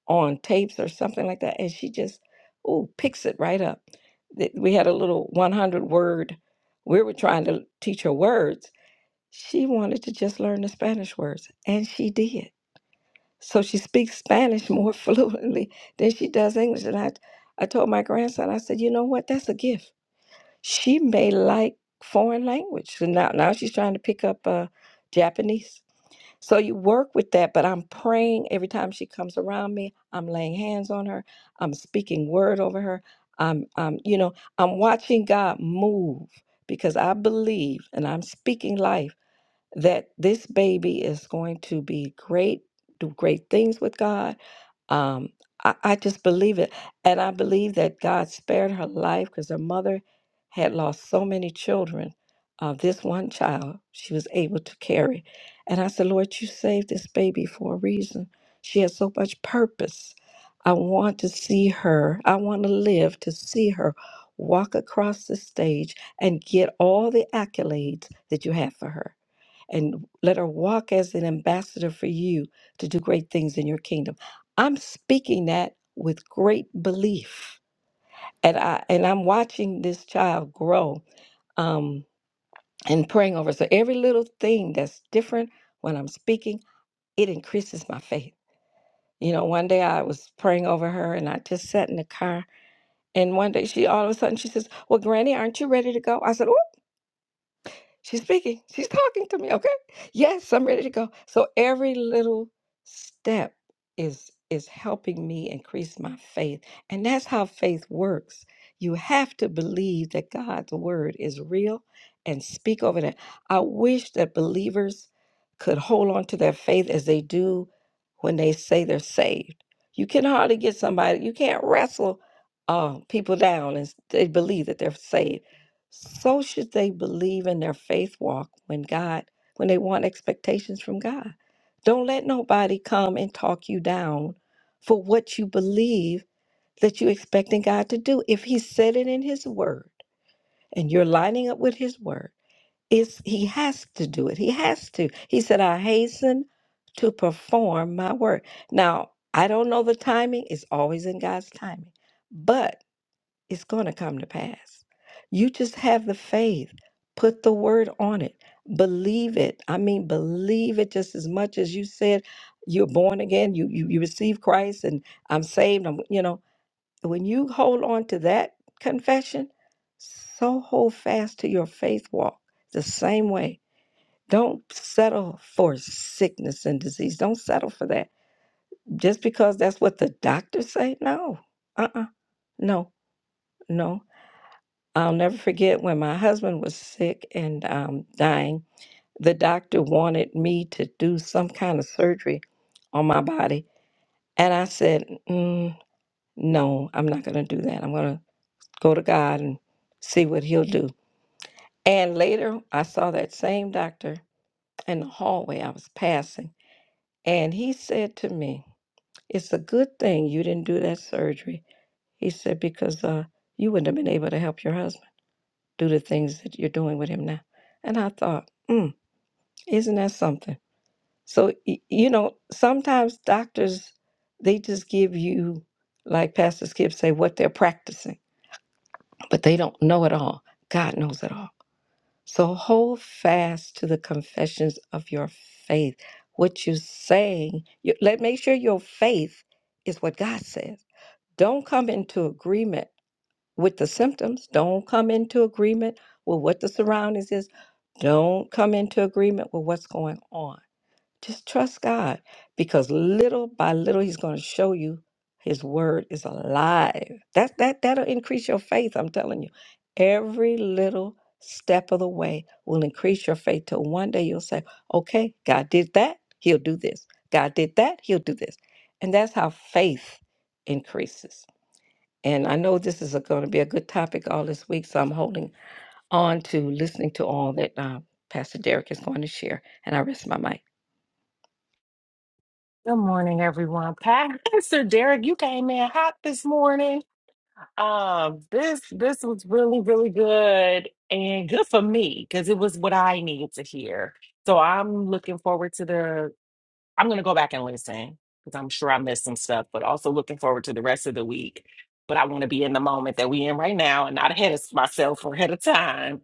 S9: on tapes or something like that, and she just, ooh, picks it right up. Th- We had a little 100 word, we were trying to teach her words. She wanted to just learn the Spanish words, and she did. So she speaks Spanish more fluently than she does English. And I, I told my grandson, I said, you know what? That's a gift she may like foreign language. So now, now she's trying to pick up uh, Japanese. So you work with that, but I'm praying every time she comes around me. I'm laying hands on her. I'm speaking word over her. I'm, I'm, you know, I'm watching God move because I believe and I'm speaking life that this baby is going to be great, do great things with God um, I, I just believe it. And I believe that God spared her life because her mother had lost so many children. Uh, this one child she was able to carry. And I said, Lord, you saved this baby for a reason. She has so much purpose. I want to see her. I want to live to see her walk across the stage and get all the accolades that you have for her and let her walk as an ambassador for you to do great things in your kingdom. I'm speaking that with great belief. And I and I'm watching this child grow um, and praying over. So every little thing that's different when I'm speaking, it increases my faith. You know, one day I was praying over her and I just sat in the car. And one day she all of a sudden she says, Well, Granny, aren't you ready to go? I said, She's speaking. She's talking to me. Okay. Yes, I'm ready to go. So every little step is is helping me increase my faith. And that's how faith works. You have to believe that God's word is real and speak over that. I wish that believers could hold on to their faith as they do when they say they're saved. You can hardly get somebody, you can't wrestle uh, people down and s- they believe that they're saved so should they believe in their faith walk when God, when they want expectations from God. Don't let nobody come and talk you down for what you believe that you're expecting God to do. If He said it in His Word and you're lining up with His Word, it's, He has to do it. He has to. He said, I hasten to perform my work. Now, I don't know the timing, it's always in God's timing. But it's going to come to pass. You just have the faith, put the word on it, believe it. I mean, believe it just as much as you said you're born again, you you, you receive Christ, and I'm saved. I'm you know when you hold on to that confession, so hold fast to your faith walk the same way. Don't settle for sickness and disease. Don't settle for that just because that's what the doctors say. No, uh, uh no, no. I'll never forget when my husband was sick and um, dying. The doctor wanted me to do some kind of surgery on my body. And I said, mm, No, I'm not going to do that. I'm going to go to God and see what He'll do. And later, I saw that same doctor in the hallway I was passing. And he said to me, It's a good thing you didn't do that surgery. He said, Because uh, you wouldn't have been able to help your husband. do the things that you're doing with him now. And I thought, mm, isn't that something? So, y- you know, sometimes doctors, they just give you, like Pastor Skip say, what they're practicing, but they don't know it all. God knows it all. So hold fast to the confessions of your faith. What you're saying, you, let make sure your faith is what God says. Don't come into agreement with the symptoms. Don't come into agreement with what the surroundings is Don't come into agreement with what's going on. Just trust God because little by little he's going to show you his word is alive. That that that'll increase your faith, I'm telling you. Every little step of the way will increase your faith till one day you'll say, "Okay, God did that, he'll do this. God did that, he'll do this." And that's how faith increases. And I know this is going to be a good topic all this week, so I'm holding on to listening to all that uh, Pastor Derek is going to share. And I rest my mic.
S7: Good morning, everyone. Pastor Derek, you came in hot this morning. Um, this this was really, really good and good for me because it was what I needed to hear. So I'm looking forward to the. I'm gonna go back and listen because I'm sure I missed some stuff, but also looking forward to the rest of the week. But I want to be in the moment that we in right now and not ahead of myself or ahead of time.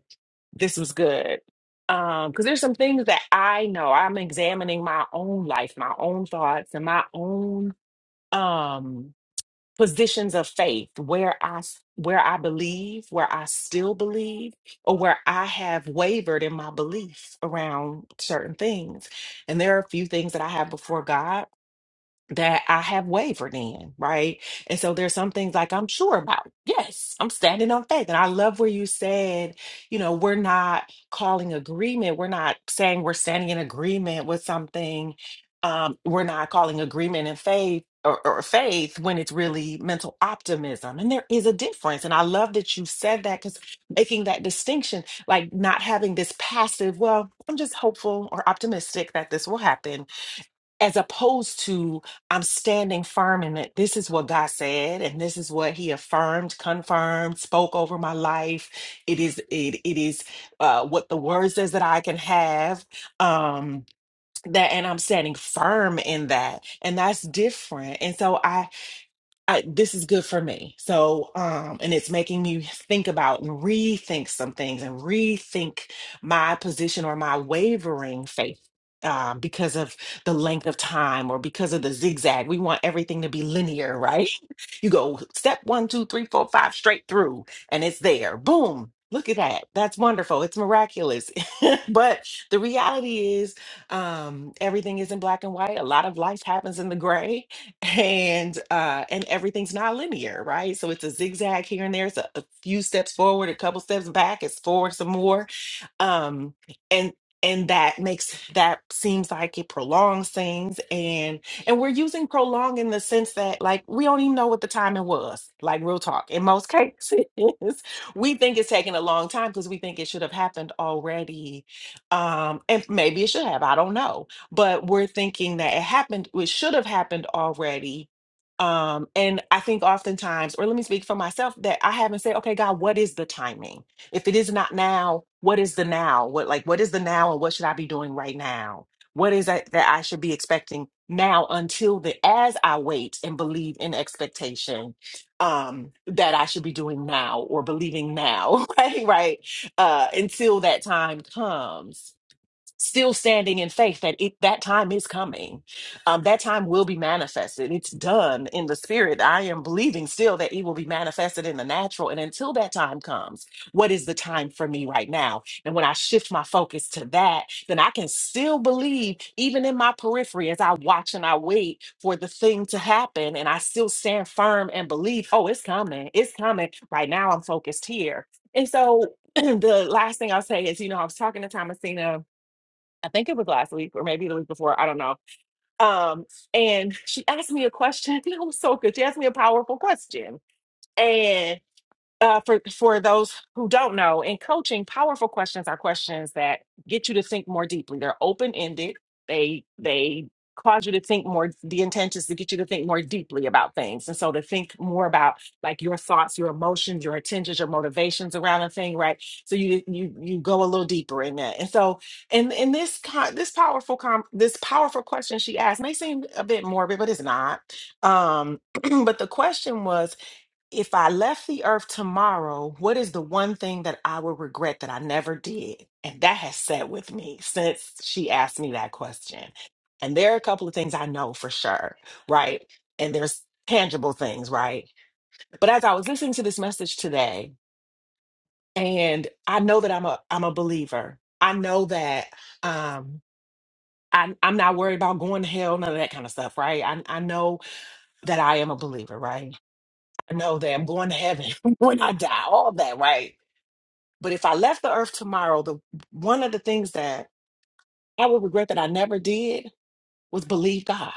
S7: this was good. Um, because there's some things that I know I'm examining my own life, my own thoughts, and my own um positions of faith where I s- where I believe, where I still believe, or where I have wavered in my belief around certain things. And there are a few things that I have before God that I have wavered in, right? And so there's some things like I'm sure about. Yes, I'm standing on faith. And I love where you said, you know, we're not calling agreement. We're not saying we're standing in agreement with something. Um, we're not calling agreement in faith or, or faith when it's really mental optimism. And there is a difference. And I love that you said that because making that distinction, like not having this passive, well, I'm just hopeful or optimistic that this will happen as opposed to I'm standing firm in it. This is what God said, and this is what He affirmed, confirmed, spoke over my life. It is it it is uh, what the Word says that I can have. Um, that and I'm standing firm in that, and that's different. And so I I, this is good for me. So, um, and it's making me think about and rethink some things and rethink my position or my wavering faith um, because of the length of time or because of the zigzag. We want everything to be linear, right? You go step one, two, three, four, five, straight through, and it's there. Boom. Look at that. That's wonderful. It's miraculous but the reality is, um, everything is in black and white. A lot of life happens in the gray, and uh, and everything's not linear, right? So it's a zigzag here and there. It's a, a few steps forward, a couple steps back. It's forward some more um and and that makes that seems like it prolongs things and and we're using prolong in the sense that like we don't even know what the time it was like real talk in most cases we think it's taking a long time because we think it should have happened already um and maybe it should have i don't know but we're thinking that it happened it should have happened already um and i think oftentimes or let me speak for myself that i haven't said okay god what is the timing if it is not now, what is the now? What like what is the now and what should I be doing right now? What is that that I should be expecting now until the as I wait and believe in expectation um that I should be doing now or believing now, right? Right. Uh until that time comes still standing in faith that it, that time is coming. Um, that time will be manifested. It's done in the spirit. I am believing still that it will be manifested in the natural. And until that time comes, what is the time for me right now? And when I shift my focus to that, then I can still believe, even in my periphery, as I watch and I wait for the thing to happen. And I still stand firm and believe, oh, it's coming. It's coming. Right now, I'm focused here. And so the last thing I'll say is, you know, I was talking to Thomasina I think it was last week or maybe the week before. I don't know. Um, and she asked me a question. It was so good. She asked me a powerful question uh, for for those who don't know, in coaching, powerful questions are questions that get you to think more deeply. They're open ended. They they cause you to think more. The intent is to get you to think more deeply about things, and so to think more about like your thoughts, your emotions, your intentions, your motivations around a thing, right? So you you you go a little deeper in that. And so in in this con- this powerful com- this powerful question she asked may seem a bit morbid, but it's not. Um, but the question was if I left the earth tomorrow, what is the one thing that I would regret that I never did? And that has sat with me since she asked me that question. And there are a couple of things I know for sure, right? And there's tangible things, right? But as I was listening to this message today, and I know that I'm a I'm a believer. I know that um I'm, I'm not worried about going to hell, none of that kind of stuff, right? I, I know that I am a believer, right? I know that I'm going to heaven when I die, all that, right? But if I left the earth tomorrow, the one of the things that I would regret that I never did was believe God.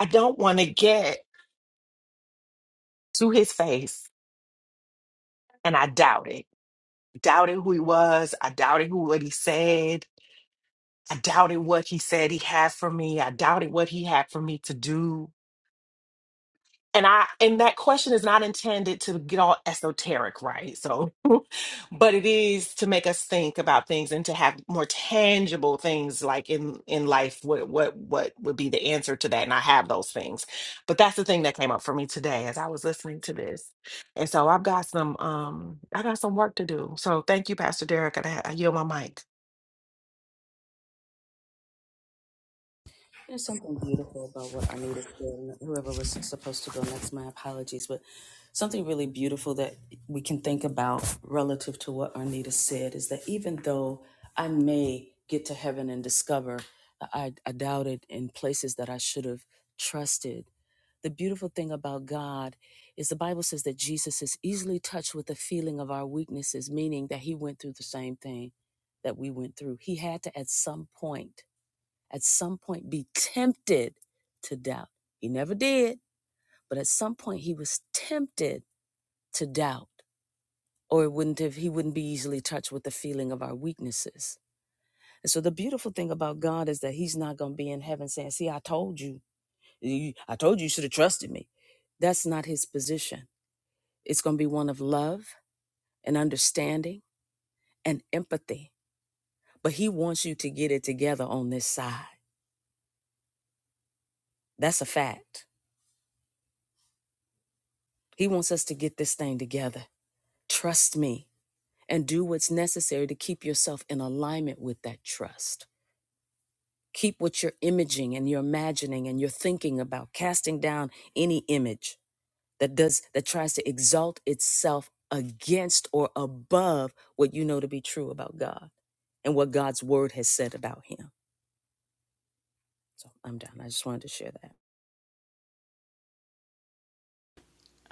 S7: I don't want to get to his face and I doubt it. Doubted who he was. I doubted who what he said. I doubted what he said he had for me. I doubted what he had for me to do. and I and that question is not intended to get all esoteric, right? So, but it is to make us think about things and to have more tangible things like in in life what what what would be the answer to that and I have those things. But that's the thing that came up for me today as I was listening to this. And so I've got some um I got some work to do. So thank you Pastor Derek and I, I yield my mic.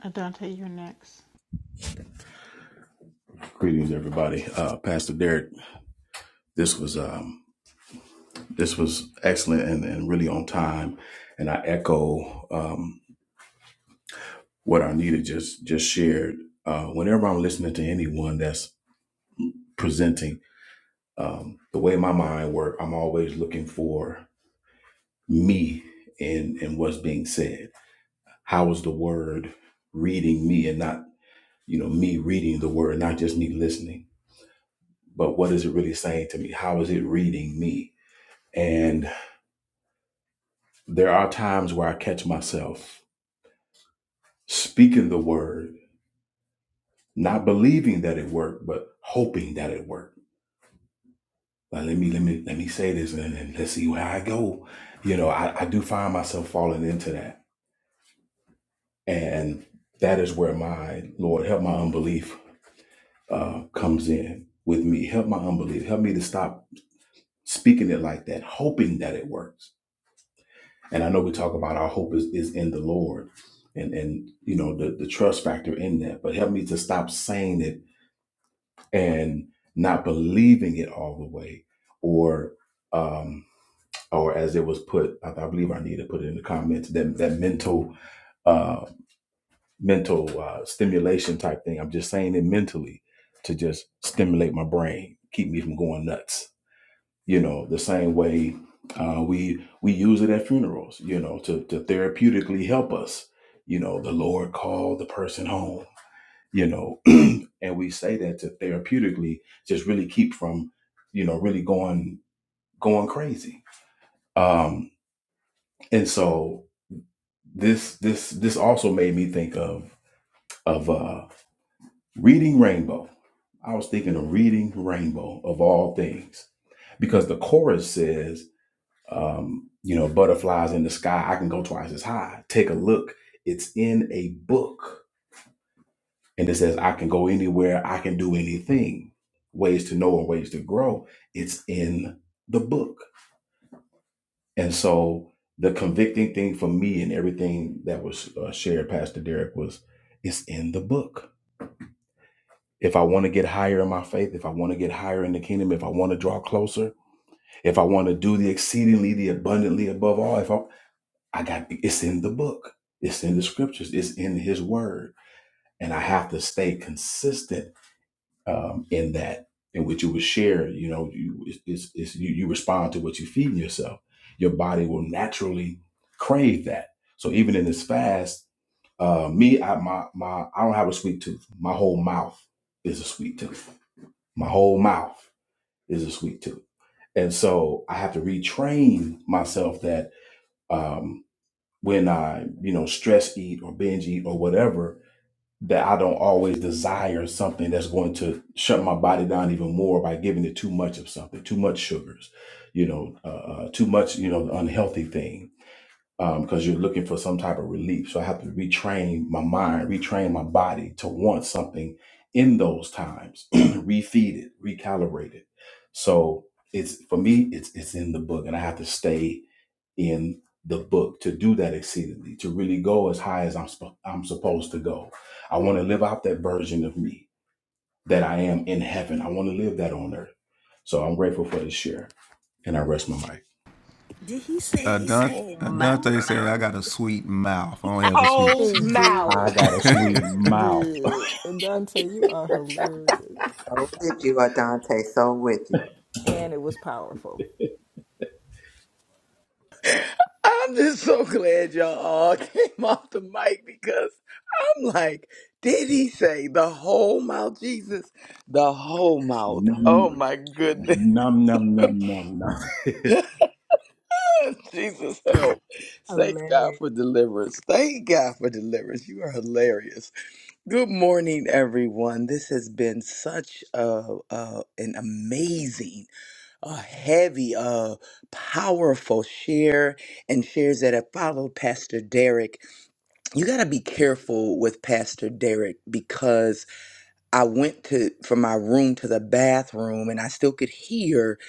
S3: Adante, you're next.
S10: Greetings, everybody. Uh, Pastor Derek, this was um, this was excellent and, and really on time. And I echo um, what Arnita just just shared. Uh, whenever I'm listening to anyone that's presenting, um, the way my mind works, I'm always looking for me in in what's being said. How is the word reading me, and not you know me reading the word, not just me listening, but what is it really saying to me? How is it reading me? and? There are times where I catch myself speaking the word, not believing that it worked, but hoping that it worked. Like let me let me let me say this and, and let's see where I go. You know, I, I do find myself falling into that. And that is where my Lord help my unbelief uh comes in with me. Help my unbelief. Help me to stop speaking it like that, hoping that it works. And I know we talk about our hope is, is in the Lord and and you know the, the trust factor in that. But help me to stop saying it and not believing it all the way, or um, or as it was put, I, I believe I need to put it in the comments that that mental uh, mental uh, stimulation type thing. I'm just saying it mentally to just stimulate my brain, keep me from going nuts. You know, the same way uh, we we use it at funerals. You know, to to therapeutically help us. You know, the Lord called the person home. You know, and we say that to therapeutically just really keep from you know really going going crazy um and so this this this also made me think of of uh reading rainbow i was thinking of reading rainbow of all things because the chorus says um you know butterflies in the sky i can go twice as high take a look it's in a book and it says i can go anywhere i can do anything ways to know and ways to grow it's in the book and so the convicting thing for me and everything that was uh, shared pastor derek was it's in the book if i want to get higher in my faith if i want to get higher in the kingdom if i want to draw closer if i want to do the exceedingly the abundantly above all if i i got it's in the book it's in the scriptures it's in his word and i have to stay consistent um, in that in which you would share you know you it's, it's, you, you respond to what you feed yourself your body will naturally crave that so even in this fast uh, me i my my i don't have a sweet tooth my whole mouth is a sweet tooth my whole mouth is a sweet tooth and so i have to retrain myself that um, when i you know stress eat or binge eat or whatever that I don't always desire something that's going to shut my body down even more by giving it too much of something, too much sugars, you know, uh, uh, too much, you know, unhealthy thing, because um, you're looking for some type of relief. So I have to retrain my mind, retrain my body to want something in those times, refeed it, recalibrate it. So it's for me, it's it's in the book, and I have to stay in the book to do that exceedingly, to really go as high as I'm sp- I'm supposed to go. I want to live out that version of me that I am in heaven. I want to live that on earth. So I'm grateful for this share, and I rest my mic.
S6: Uh, Dante, uh, Dante say I got a sweet mouth. I don't have a sweet
S7: Oh,
S11: He
S6: tooth.
S7: mouth.
S10: I
S11: did.
S10: got a sweet
S11: He
S10: mouth.
S11: did. Dante, you are hilarious.
S5: So with you, Adante. So with you.
S11: And it was powerful.
S12: I'm just so glad y'all all came off the mic because I'm like, did he say the whole mouth, Jesus? The whole mouth.
S10: Num
S12: Oh my goodness.
S10: num num num num. num.
S12: Jesus help. Thank God for deliverance. Thank God for deliverance. You are hilarious. Good morning, everyone. This has been such a, a an amazing, a heavy, uh powerful share and shares that have followed Pastor Derek. you got to be careful with Pastor Derek because I went to from my room to the bathroom and I still could hear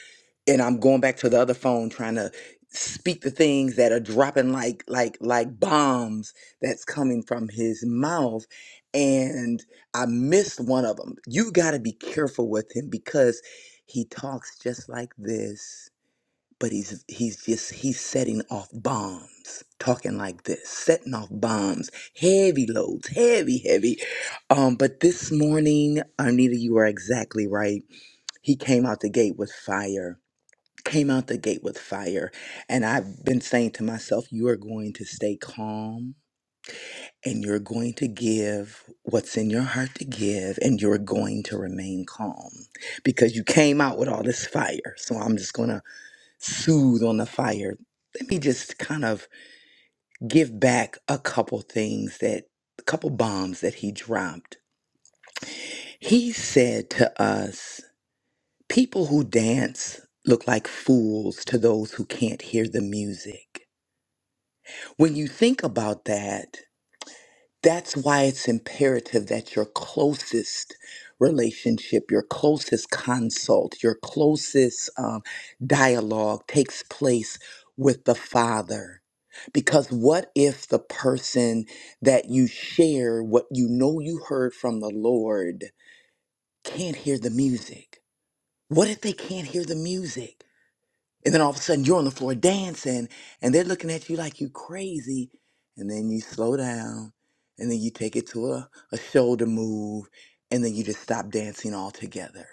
S12: and I'm going back to the other phone trying to speak the things that are dropping like like like bombs that's coming from his mouth and I missed one of them. You got to be careful with him because he talks just like this but he's he's just he's setting off bombs talking like this setting off bombs heavy loads heavy heavy um but this morning anita you are exactly right he came out the gate with fire came out the gate with fire and i've been saying to myself you are going to stay calm and you're going to give what's in your heart to give and you're going to remain calm because you came out with all this fire so i'm just going to soothe on the fire, let me just kind of give back a couple things that, a couple bombs that he dropped. He said to us, People who dance look like fools to those who can't hear the music. When you think about that, That's why it's imperative that your closest relationship, your closest consult, your closest um, dialogue takes place with the Father. Because what if the person that you share what you know you heard from the Lord can't hear the music? What if they can't hear the music? And then all of a sudden you're on the floor dancing and they're looking at you like you crazy. And then you slow down and then you take it to a, a shoulder move and then you just stop dancing altogether.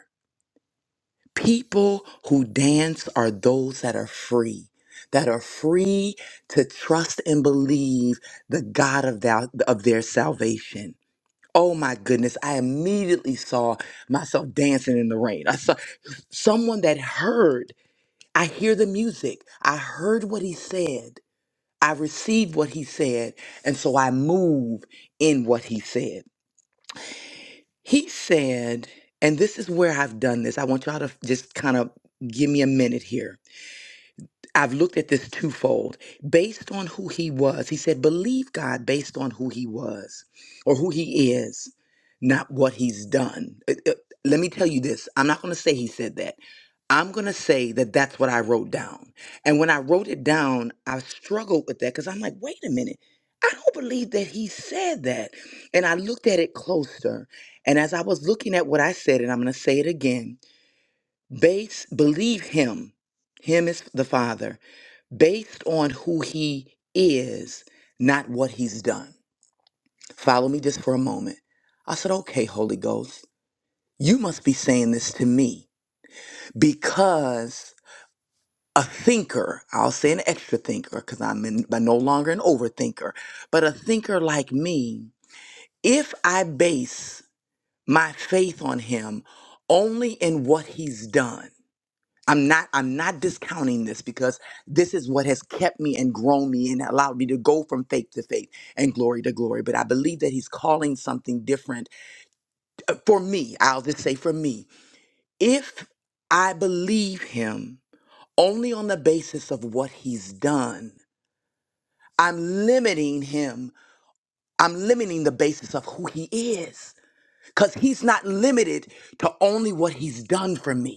S12: People who dance are those that are free, that are free to trust and believe the God of, thou, of their salvation. Oh my goodness, I immediately saw myself dancing in the rain. I saw someone that heard I hear the music. I heard what he said. I received what he said. And so I move in what he said. He said, and this is where I've done this. I want y'all to just kind of give me a minute here I've looked at this twofold. Based on who he was, he said, believe God based on who he was or who he is, not what he's done. It- it- let me tell you this I'm not going to say he said that. I'm going to say that that's what I wrote down. And when I wrote it down, I struggled with that because I'm like, wait a minute. I don't believe that he said that. And I looked at it closer. And as I was looking at what I said, and I'm going to say it again base, believe him. Him is the Father based on who he is, not what he's done. Follow me just for a moment. I said, Okay, Holy Ghost, you must be saying this to me because a thinker, I'll say an extra thinker because I'm, in- I'm no longer an overthinker, but a thinker like me, if I base my faith on him only in what he's done, I'm not I'm not discounting this because this is what has kept me and grown me and allowed me to go from faith to faith and glory to glory but I believe that he's calling something different Uh, for me I'll just say for me if I believe him only on the basis of what he's done I'm limiting him I'm limiting the basis of who he is cuz he's not limited to only what he's done for me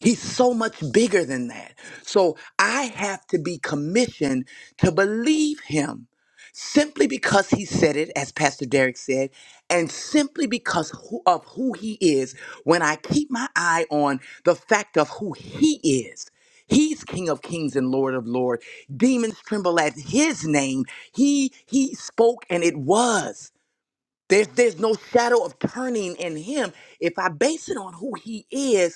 S12: He's so much bigger than that. So I have to be commissioned to believe him simply because he said it, as Pastor Derek said, and simply because who, of who he is. When I keep my eye on the fact of who he is, he's King of Kings and Lord of Lords. Demons tremble at his name. He he spoke and it was. There's, there's no shadow of turning in him. If I base it on who he is,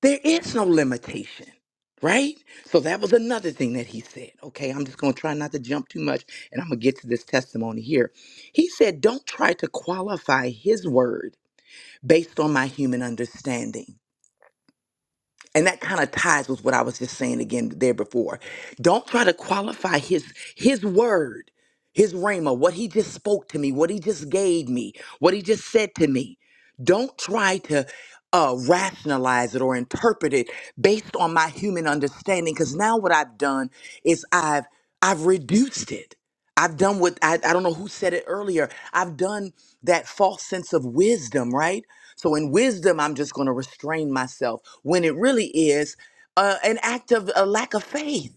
S12: there is no limitation, right? So that was another thing that he said. Okay, I'm just going to try not to jump too much and I'm going to get to this testimony here. He said, Don't try to qualify his word based on my human understanding and that kind of ties with what I was just saying again there before. Don't try to qualify his his word, his rhema, what he just spoke to me, what he just gave me, what he just said to me. Don't try to uh, rationalize it or interpret it based on my human understanding, because now what I've done is I've I've reduced it. I've done what I, I don't know who said it earlier. I've done that false sense of wisdom, right? So in wisdom, I'm just going to restrain myself when it really is uh, an act of a lack of faith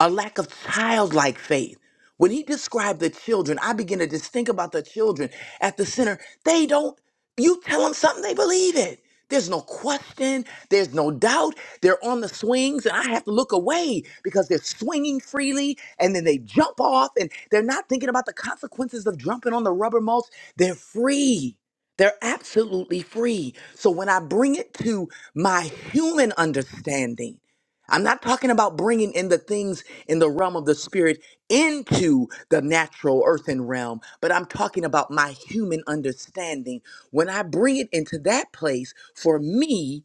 S12: a lack of childlike faith. When he described the children, I begin to just think about the children at the center. They don't, you tell them something, they believe it. There's no question, there's no doubt. They're on the swings, and I have to look away because they're swinging freely and then they jump off and they're not thinking about the consequences of jumping on the rubber mulch. They're free. They're absolutely free. So when I bring it to my human understanding, I'm not talking about bringing in the things in the realm of the spirit into the natural earthen realm, but I'm talking about my human understanding. When I bring it into that place, for me,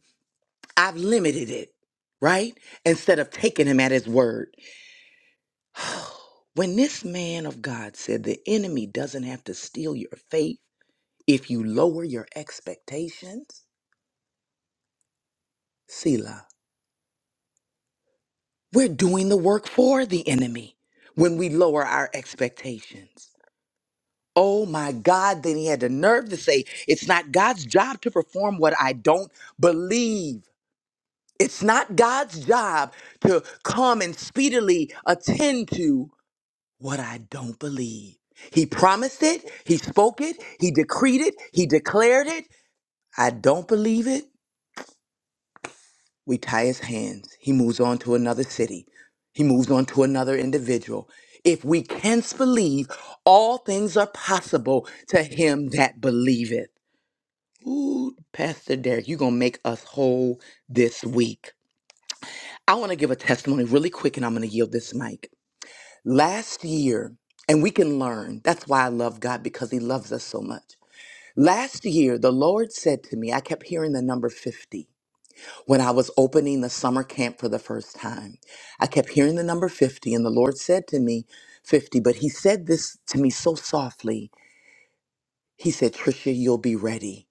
S12: I've limited it, right? Instead of taking him at his word. When this man of God said the enemy doesn't have to steal your faith if you lower your expectations, Selah, we're doing the work for the enemy when we lower our expectations. Oh my God, then he had the nerve to say, It's not God's job to perform what I don't believe. It's not God's job to come and speedily attend to what I don't believe. He promised it, he spoke it, he decreed it, he declared it. I don't believe it. We tie his hands. He moves on to another city, he moves on to another individual. If we can't believe, all things are possible to him that believeth. Ooh, Pastor Derek, you're going to make us whole this week. I want to give a testimony really quick and I'm going to yield this mic. Last year, and we can learn. That's why I love God because He loves us so much. Last year, the Lord said to me, I kept hearing the number 50 when I was opening the summer camp for the first time. I kept hearing the number 50, and the Lord said to me, 50, but He said this to me so softly. He said, Trisha, you'll be ready.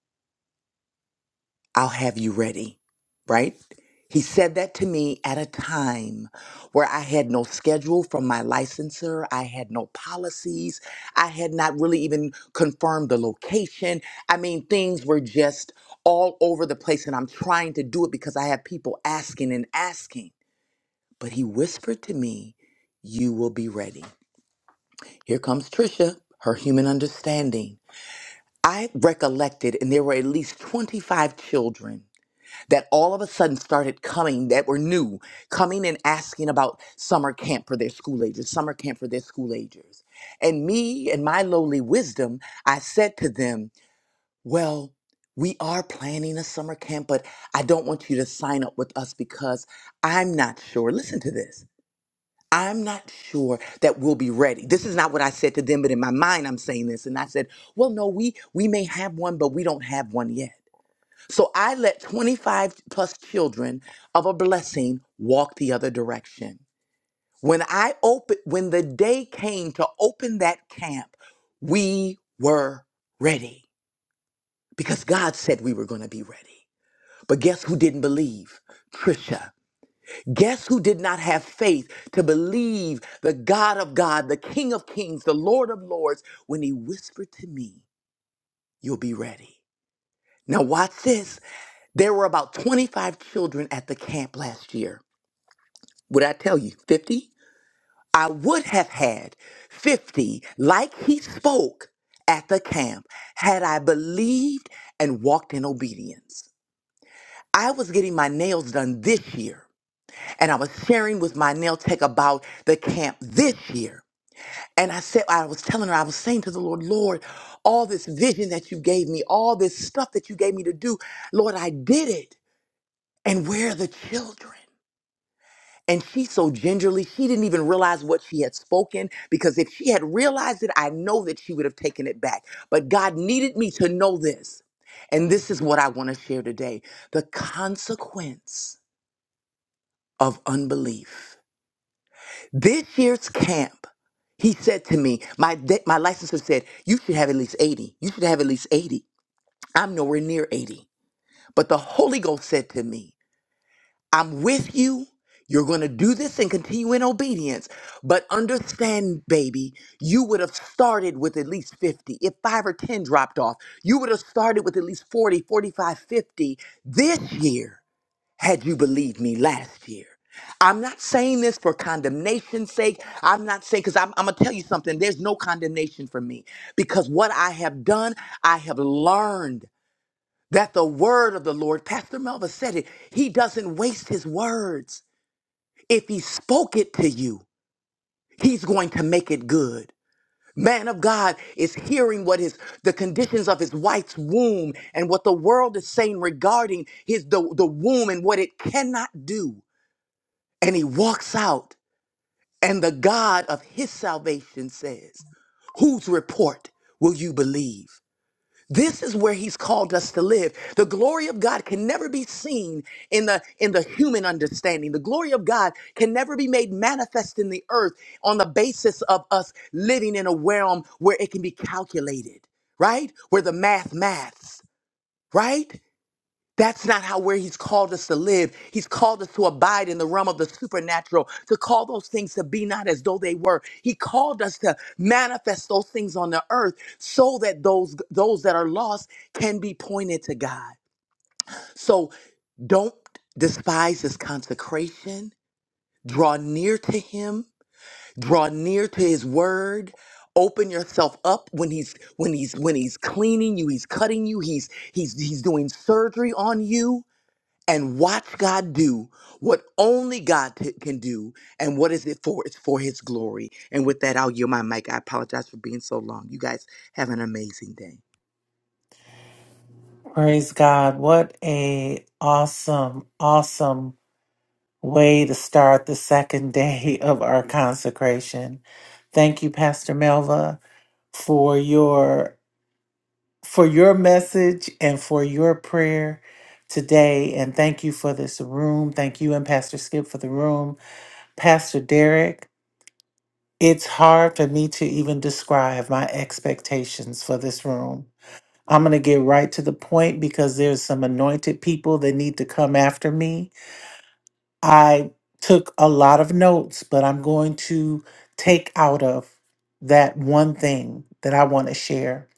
S12: I'll have you ready, right? He said that to me at a time where I had no schedule from my licensor. I had no policies. I had not really even confirmed the location. I mean, things were just all over the place, and I'm trying to do it because I have people asking and asking. But he whispered to me, You will be ready. Here comes Trisha, her human understanding. I recollected, and there were at least 25 children that all of a sudden started coming that were new, coming and asking about summer camp for their school agers, summer camp for their school agers. And me and my lowly wisdom, I said to them, Well, we are planning a summer camp, but I don't want you to sign up with us because I'm not sure. Listen to this. I'm not sure that we'll be ready. This is not what I said to them, but in my mind I'm saying this. And I said, well, no, we we may have one, but we don't have one yet. So I let 25 plus children of a blessing walk the other direction. When I open when the day came to open that camp, we were ready because God said we were going to be ready. But guess who didn't believe? Trisha. Guess who did not have faith to believe the God of God, the King of Kings, the Lord of Lords when he whispered to me, "You'll be ready." Now watch this. There were about 25 children at the camp last year. Would I tell you 50? I would have had 50 like he spoke at the camp had I believed and walked in obedience. I was getting my nails done this year and I was sharing with my nail tech about the camp this year. And I said, I was telling her, I was saying to the Lord, Lord, all this vision that you gave me, all this stuff that you gave me to do, Lord, I did it. And where are the children? And she so gingerly, she didn't even realize what she had spoken because if she had realized it, I know that she would have taken it back. But God needed me to know this. And this is what I want to share today the consequence of unbelief. This year's camp, he said to me, my, my licensor said, You should have at least 80. You should have at least 80. I'm nowhere near 80. But the Holy Ghost said to me, I'm with you. You're going to do this and continue in obedience. But understand, baby, you would have started with at least 50. If five or 10 dropped off, you would have started with at least 40, 45, 50 this year had you believed me last year. I'm not saying this for condemnation's sake. I'm not saying, because I'm, I'm going to tell you something. There's no condemnation for me because what I have done, I have learned that the word of the Lord, Pastor Melva said it, he doesn't waste his words. If he spoke it to you, he's going to make it good. Man of God is hearing what his the conditions of his wife's womb and what the world is saying regarding his the, the womb and what it cannot do. And he walks out, and the God of his salvation says, Whose report will you believe? This is where he's called us to live. The glory of God can never be seen in the in the human understanding. The glory of God can never be made manifest in the earth on the basis of us living in a realm where it can be calculated, right? Where the math maths, right? That's not how where he's called us to live. He's called us to abide in the realm of the supernatural, to call those things to be not as though they were. He called us to manifest those things on the earth so that those those that are lost can be pointed to God. So don't despise his consecration. Draw near to him, draw near to his word. Open yourself up when he's when he's when he's cleaning you, he's cutting you, he's he's he's doing surgery on you and watch God do what only God t- can do. And what is it for? It's for His glory. And with that, I'll yield my mic. I apologize for being so long. You guys have an amazing day.
S4: Praise God. What a awesome, awesome way to start the second day of our consecration. Thank you, Pastor Melva, for your for your message and for your prayer today. And thank you for this room. Thank you and Pastor Skip for the room. Pastor Derek, it's hard for me to even describe my expectations for this room. I'm going to get right to the point because there's some anointed people that need to come after me. I took a lot of notes, but I'm going to take out of that one thing that I want to share.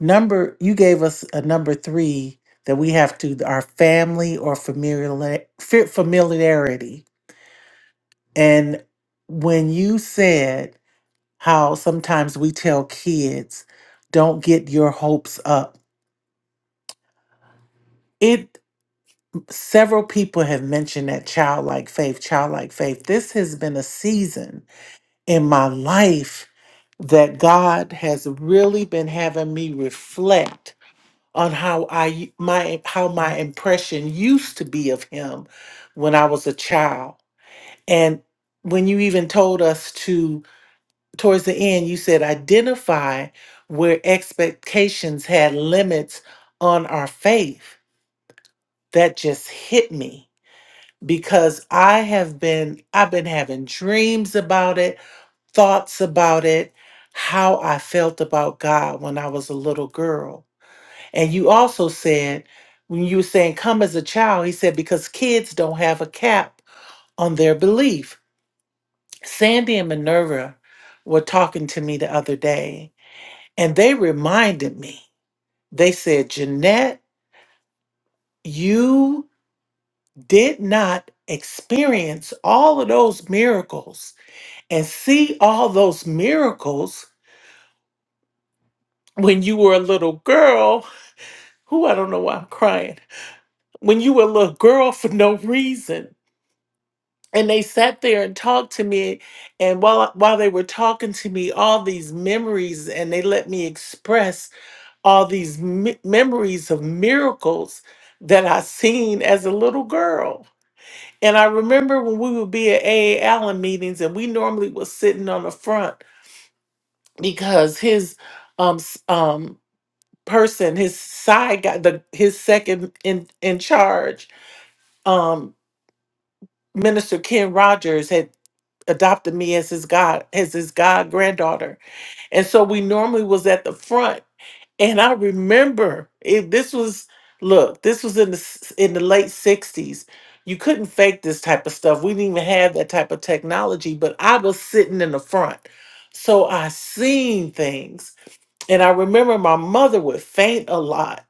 S4: Number, you gave us a number three that we have to our family or familiar, familiarity. And when you said how sometimes we tell kids, don't get your hopes up, it. Several people have mentioned that childlike faith, childlike faith. This has been a season in my life that God has really been having me reflect on how I my how my impression used to be of him when I was a child. And when you even told us to towards the end, you said identify where expectations had limits on our faith. That just hit me because I have been I've been having dreams about it, thoughts about it, how I felt about God when I was a little girl. And you also said when you were saying come as a child, he said because kids don't have a cap on their belief. Sandy and Minerva were talking to me the other day and they reminded me. They said, "Jeanette, you did not experience all of those miracles and see all those miracles when you were a little girl. Who I don't know why I'm crying. When you were a little girl for no reason. And they sat there and talked to me. And while while they were talking to me, all these memories, and they let me express all these me- memories of miracles that I seen as a little girl. And I remember when we would be at A. A. Allen meetings, and we normally was sitting on the front because his um s- um person, his side guy, the his second in in charge, um, Minister Ken Rogers had adopted me as his god as his god granddaughter, and so we normally was at the front. And I remember it, this was look, this was in the s- in the late '60s. You couldn't fake this type of stuff. We didn't even have that type of technology, but I was sitting in the front, so I seen things and I remember my mother would faint a lot,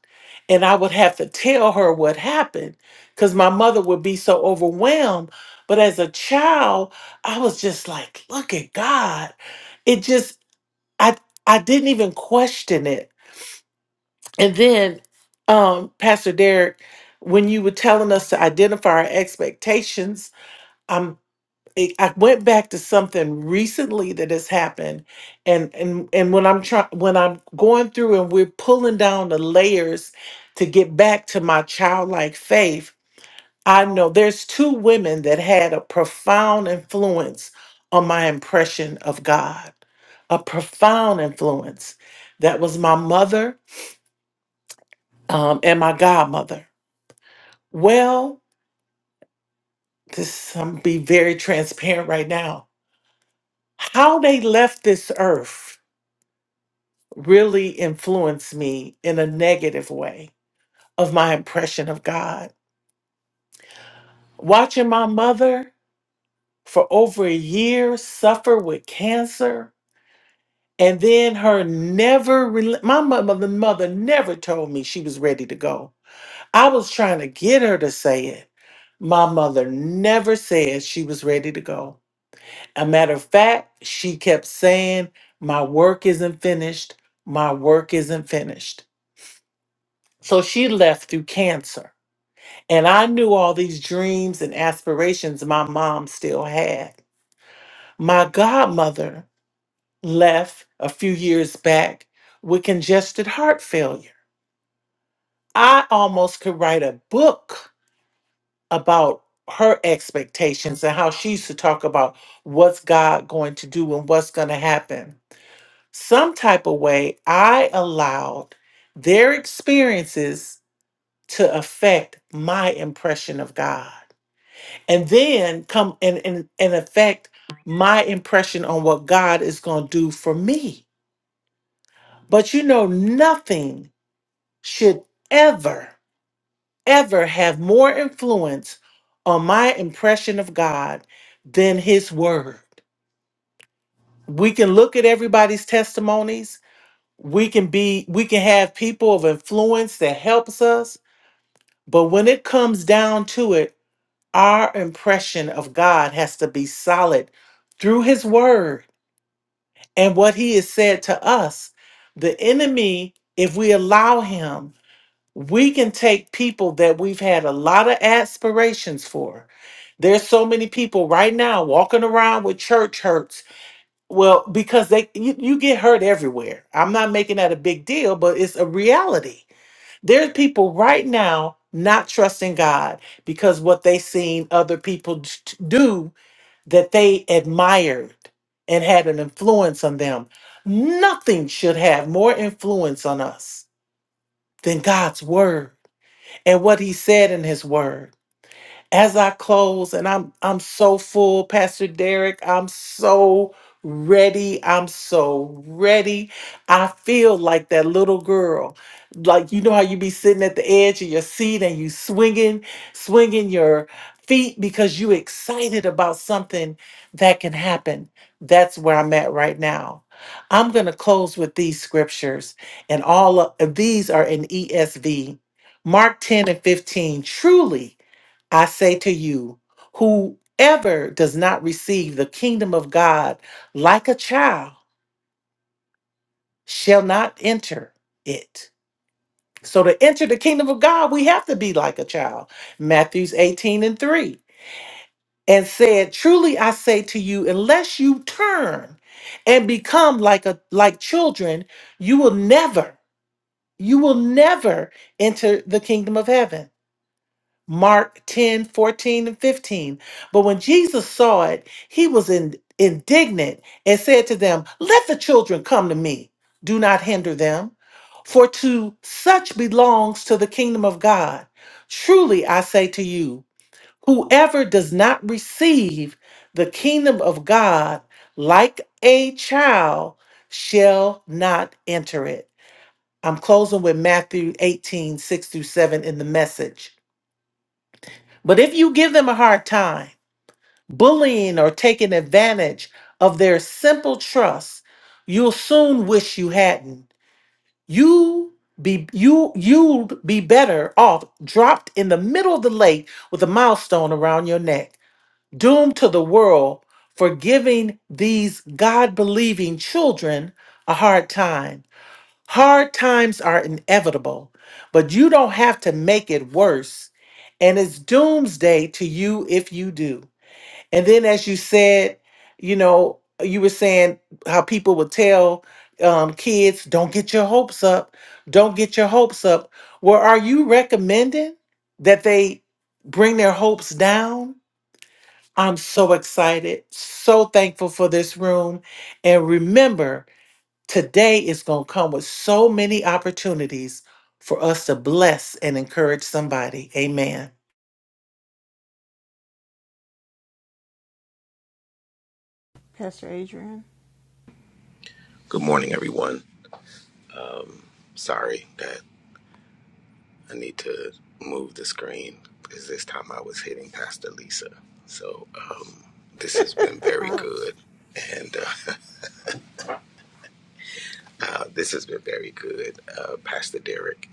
S4: and I would have to tell her what happened because my mother would be so overwhelmed. But as a child, I was just like, look at God. It just, I, I didn't even question it. And then, um, Pastor Derek, when you were telling us to identify our expectations, it- I went back to something recently that has happened, and and and when I'm trying, when I'm going through and we're pulling down the layers to get back to my childlike faith, I know there's two women that had a profound influence on my impression of God, a profound influence. That was my mother um, and my godmother. Well, this I'm be very transparent right now. How they left this earth really influenced me in a negative way of my impression of God. Watching my mother for over a year suffer with cancer and then her never rel- my mo- mother mother never told me she was ready to go. I was trying to get her to say it. My mother never said she was ready to go. A matter of fact, she kept saying, "My work isn't finished. My work isn't finished." So she left through cancer. And I knew all these dreams and aspirations my mom still had. My godmother left a few years back with congested heart failure. I almost could write a book about her expectations and how she used to talk about what's God going to do and what's going to happen. Some type of way, I allowed their experiences to affect my impression of God. and then come and and, and affect my impression on what God is going to do for me. But you know, nothing should ever, ever have more influence on my impression of God than His Word. We can look at everybody's testimonies. We can be, we can have people of influence that helps us. But when it comes down to it, our impression of God has to be solid through His Word And what he has said to us, the enemy, if we allow him, we can take people that we've had a lot of aspirations for. There's so many people right now walking around with church hurts. Well, because they you, you get hurt everywhere. I'm not making that a big deal, but it's a reality. There's people right now not trusting God because what they seen other people t- do that they admired and had an influence on them. Nothing should have more influence on us than God's word and what he said in his word. As I close, and I'm I'm so full, Pastor Derek. I'm so ready. I'm so ready. I feel like that little girl. Like you know how you be sitting at the edge of your seat and you swinging, swinging your feet because you excited about something that can happen. That's where I'm at right now. I'm going to close with these scriptures, and all of these are in ESV. Mark 10 and 15. Truly, I say to you, whoever does not receive the kingdom of God like a child shall not enter it. So, to enter the kingdom of God, we have to be like a child. Matthews 18 and 3. And said, Truly I say to you, unless you turn and become like a like children, you will never, you will never enter the kingdom of heaven. Mark 10 14 and 15. But when Jesus saw it, he was in, indignant and said to them, Let the children come to me. Do not hinder them, for to such belongs to the kingdom of God. Truly I say to you, whoever does not receive the kingdom of God like a child shall not enter it. I'm closing with Matthew 18 6 through 7 in the message. But if you give them a hard time, bullying or taking advantage of their simple trust, you'll soon wish you hadn't. You be you you'd be better off dropped in the middle of the lake with a milestone around your neck, doomed to the world for giving these God-believing children a hard time. Hard times are inevitable, but you don't have to make it worse. And it's doomsday to you if you do. And then, as you said, you know, you were saying how people would tell um, kids, don't get your hopes up, don't get your hopes up. Well, are you recommending that they bring their hopes down? I'm so excited, so thankful for this room. And remember, Today is going to come with so many opportunities for us to bless and encourage somebody. Amen.
S3: Pastor Adrian.
S13: Good morning, everyone. Sorry that I need to move the screen because this time I was hitting Pastor Lisa. So um, this has been very
S11: Ouch.
S13: good. And uh, uh, this has been very good, uh, Pastor Derek.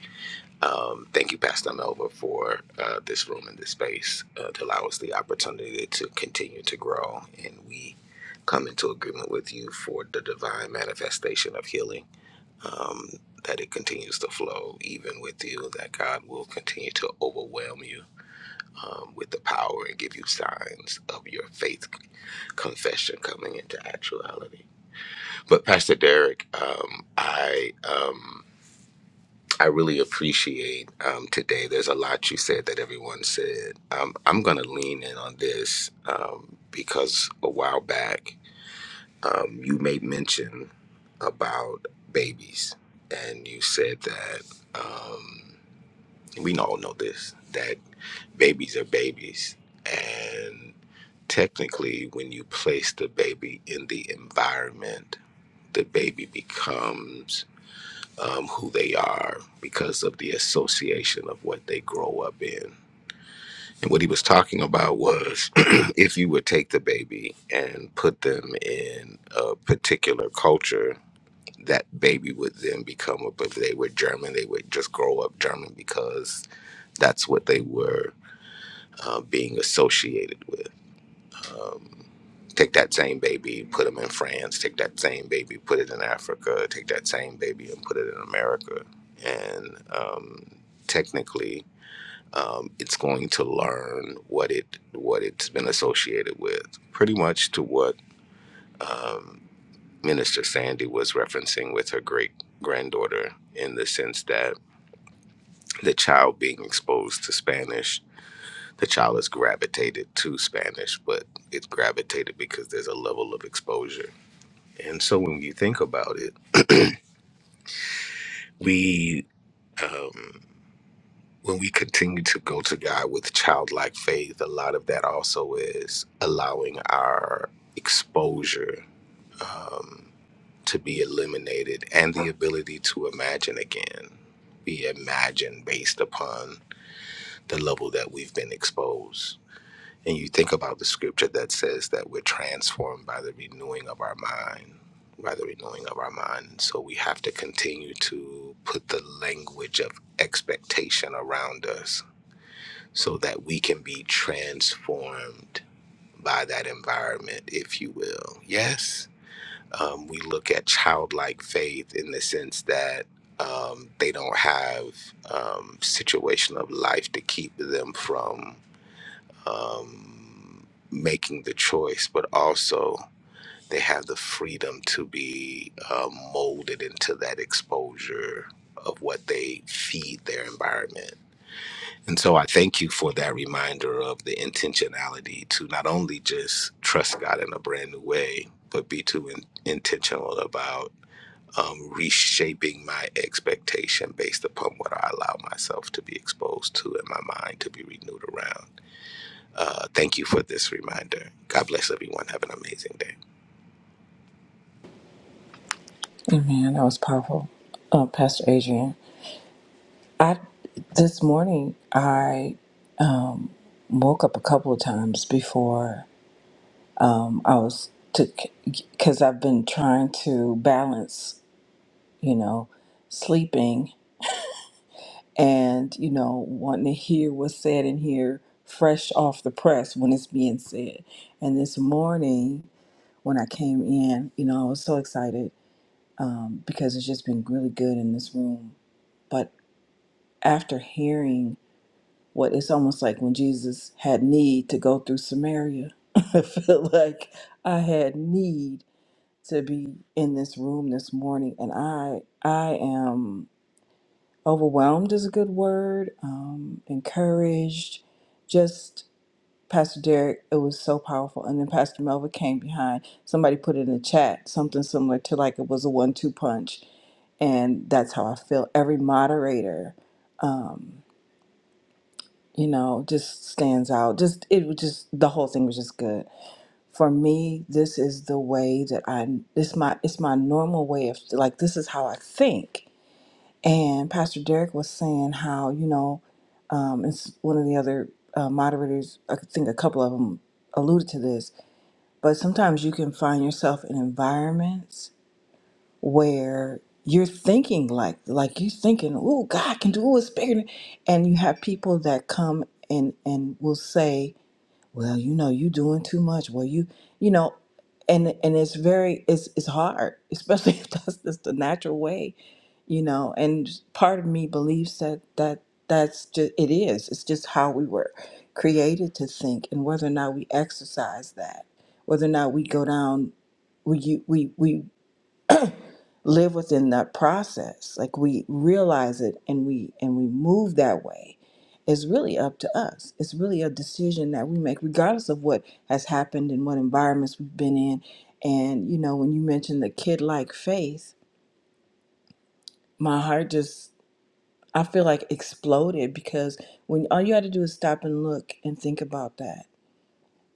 S13: Um, thank you, Pastor Melva, for uh, this room and this space uh, to allow us the opportunity to continue to grow. And we come into agreement with you for the divine manifestation of healing um, that it continues to flow even with you, that God will continue to overwhelm you um, with the power and give you signs of your faith c- confession coming into actuality. But Pastor Derek, um, I um, I really appreciate um, today. There's a lot you said that everyone said. Um, I'm going to lean in on this um, because a while back um, you made mention about babies, and you said that um, we all know this that babies are babies, and technically, when you place the baby in the environment, the baby becomes um, who they are because of the association of what they grow up in. And what he was talking about was if you would take the baby and put them in a particular culture that baby would then become a, but they were German, they would just grow up German because that's what they were uh, being associated with. Um, take that same baby, put them in France, take that same baby, put it in Africa, take that same baby and put it in America. And um, technically, um, it's going to learn what it what it's been associated with, pretty much to what. um, Minister Sandy was referencing with her great granddaughter in the sense that the child being exposed to Spanish, the child is gravitated to Spanish, but it's gravitated because there's a level of exposure. And so when you think about it, we, um, when we continue to go to God with childlike faith, a lot of that also is allowing our exposure. Um, to be eliminated and the ability to imagine again be imagined based upon the level that we've been exposed. And you think about the scripture that says that we're transformed by the renewing of our mind, by the renewing of our mind. so we have to continue to put the language of expectation around us so that we can be transformed by that environment, if you will. Yes? um, we look at childlike faith in the sense that um, they don't have um, situation of life to keep them from um, making the choice, but also they have the freedom to be uh, molded into that exposure of what they feed their environment. And so I thank you for that reminder of the intentionality to not only just trust God in a brand new way, but be too in- intentional about um, reshaping my expectation based upon what I allow myself to be exposed to and my mind to be renewed around. Uh, thank you for this reminder. God bless everyone. Have an amazing day.
S11: Man, that was powerful, uh, Pastor Adrian. I this morning I um, woke up a couple of times before um, I was to because I've been trying to balance, you know, sleeping and you know wanting to hear what's said in here fresh off the press when it's being said and this morning when i came in you know i was so excited um, because it's just been really good in this room but after hearing what it's almost like when jesus had need to go through samaria i feel like i had need to be in this room this morning and i i am Overwhelmed is a good word. Um, encouraged. Just Pastor Derek, it was so powerful. And then Pastor Melva came behind. Somebody put it in the chat, something similar to like it was a one two punch. And that's how I feel. Every moderator, you know, just stands out. Just, it was just, the whole thing was just good for me this is the way that i this my it's my normal way of like this is how i think And Pastor Derek was saying how, you know, um, it's one of the other uh, moderators, I think a couple of them alluded to this, but sometimes you can find yourself in environments where you're thinking like, like you're thinking, oh, God can do it, it's bigger. than-" And you have people that come and, and will say, well you know you doing too much well you you know and and it's very it's it's hard especially if that's just the natural way you know and part of me believes that that that's just it is it's just how we were created to think and whether or not we exercise that whether or not we go down we you- we we live within that process like we realize it and we and we move that way is really up to us it's really a decision that we make regardless of what has happened and what environments we've been in and you know when you mentioned the kid like faith my heart just i feel like exploded because when all you had to do is stop and look and think about that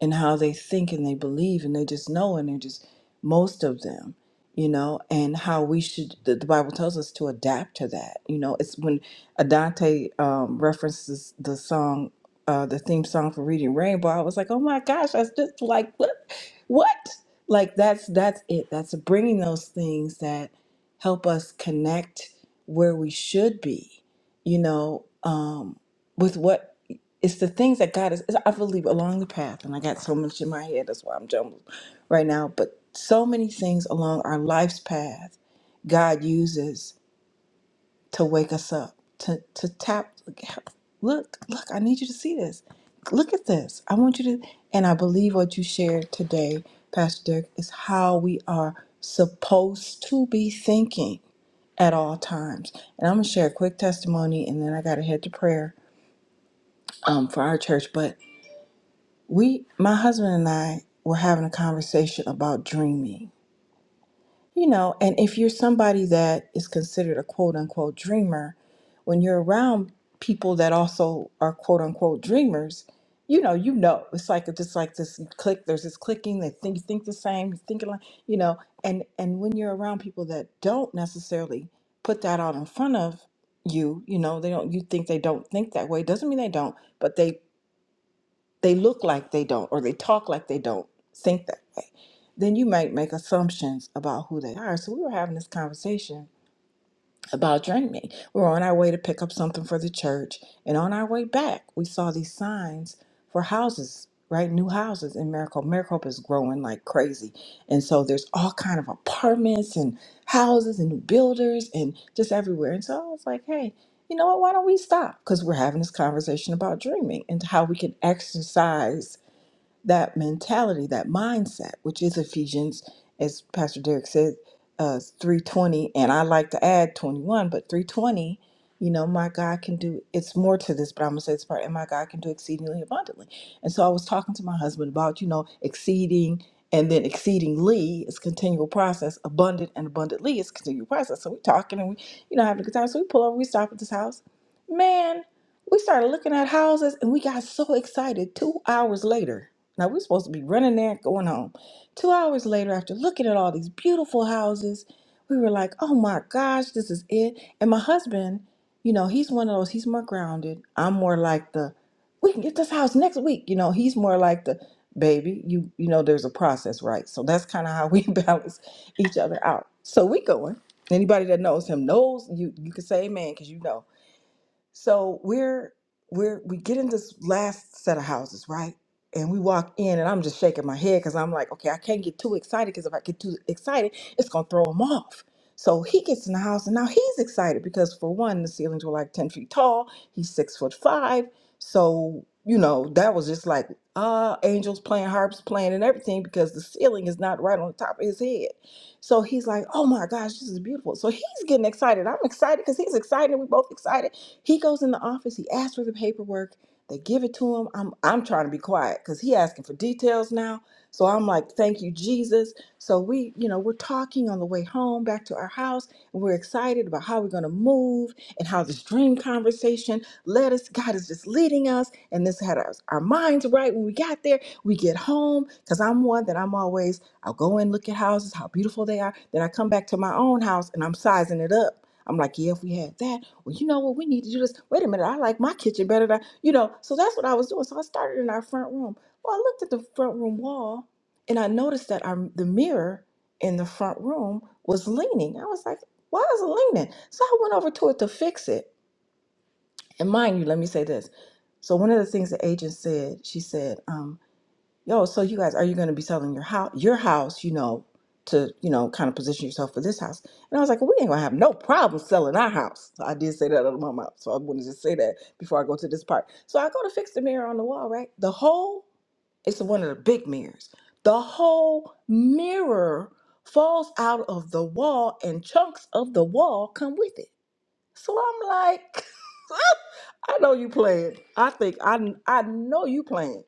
S11: and how they think and they believe and they just know and they're just most of them you know and how we should the, the bible tells us to adapt to that you know it's when adante um, references the song uh, the theme song for reading rainbow i was like oh my gosh that's just like what what like that's that's it that's bringing those things that help us connect where we should be you know um, with what it's the things that God is. is- I believe along the path, and I got so much in my head. That's why I'm jumbled right now. But so many things along our life's path, God uses to wake us up, to to tap. Look, look, I need you to see this. Look at this. I want you to. And I believe what you shared today, Pastor Dirk, is how we are supposed to be thinking at all times. And I'm gonna share a quick testimony, and then I gotta head to prayer um, for our church, but we, my husband and I, were having a conversation about dreaming. You know, and if you're somebody that is considered a quote unquote dreamer, when you're around people that also are quote unquote dreamers, you know, you know, it's like it's just like this click. There's this clicking. They think you think the same, you thinking like you know, and and when you're around people that don't necessarily put that out in front of you, you know, they don't. You think they don't think that way. Doesn't mean they don't, but they they look like they don't or they talk like they don't think that way then you might make assumptions about who they are so we were having this conversation about dreaming we were on our way to pick up something for the church and on our way back we saw these signs for houses right new houses in maricopa maricopa is growing like crazy and so there's all kind of apartments and houses and new builders and just everywhere and so i was like hey you know what why don't we stop because we're having this conversation about dreaming and how we can exercise that mentality, that mindset, which is Ephesians, as Pastor Derek said, uh, three twenty, and I like to add twenty one, but three twenty. You know, my God can do. It's more to this, but I'm gonna say this part. And my God can do exceedingly abundantly. And so I was talking to my husband about, you know, exceeding and then exceedingly is continual process. Abundant and abundantly is continual process. So we talking and we, you know, having a good time. So we pull over, we stop at this house. Man, we started looking at houses and we got so excited. Two hours later, now we're supposed to be running there, going home. Two hours later, after looking at all these beautiful houses, we were like, oh my gosh, this is it. And my husband, you know, he's one of those, he's more grounded. I'm more like the, we can get this house next week. You know, he's more like the baby, you you know, there's a process, right? So that's kind of how we balance each other out. So we going. Anybody that knows him knows you you can say amen because you know. So we're we're we get in this last set of houses, right? And we walk in, and I'm just shaking my head because I'm like, okay, I can't get too excited because if I get too excited, it's gonna throw him off. So he gets in the house, and now he's excited because for one, the ceilings were like ten feet tall. He's six foot five, so you know that was just like uh angels playing harps playing and everything because the ceiling is not right on the top of his head. So he's like, oh my gosh, this is beautiful. So he's getting excited. I'm excited because he's excited. We both excited he goes in the office, he asks for the paperwork, they give it to him. I'm I'm trying to be quiet because he asking for details now. So I'm like, thank you, Jesus. So we, you know, we're talking on the way home back to our house, and we're excited about how we're gonna move and how this dream conversation led us. God is just leading us, and this had our, our minds right when we got there. We get home because I'm one that I'm always I'll go and look at houses, how beautiful they are. Then I come back to my own house and I'm sizing it up. I'm like, yeah, if we had that, well, you know what, we need to do this. Wait a minute, I like my kitchen better than you know. So that's what I was doing. So I started in our front room. Well, I looked at the front room wall, and I noticed that our the mirror in the front room was leaning. I was like, why is it leaning? So I went over to it to fix it. And mind you, let me say this. So one of the things the agent said, she said, um, yo so you guys are you going to be selling your house your house you know to you know kind of position yourself for this house and i was like well, we ain't gonna have no problem selling our house so i did say that out of my mouth so i want to just say that before i go to this part so i go to fix the mirror on the wall right the whole it's one of the big mirrors the whole mirror falls out of the wall and chunks of the wall come with it so i'm like i know you playing i think i i know you playing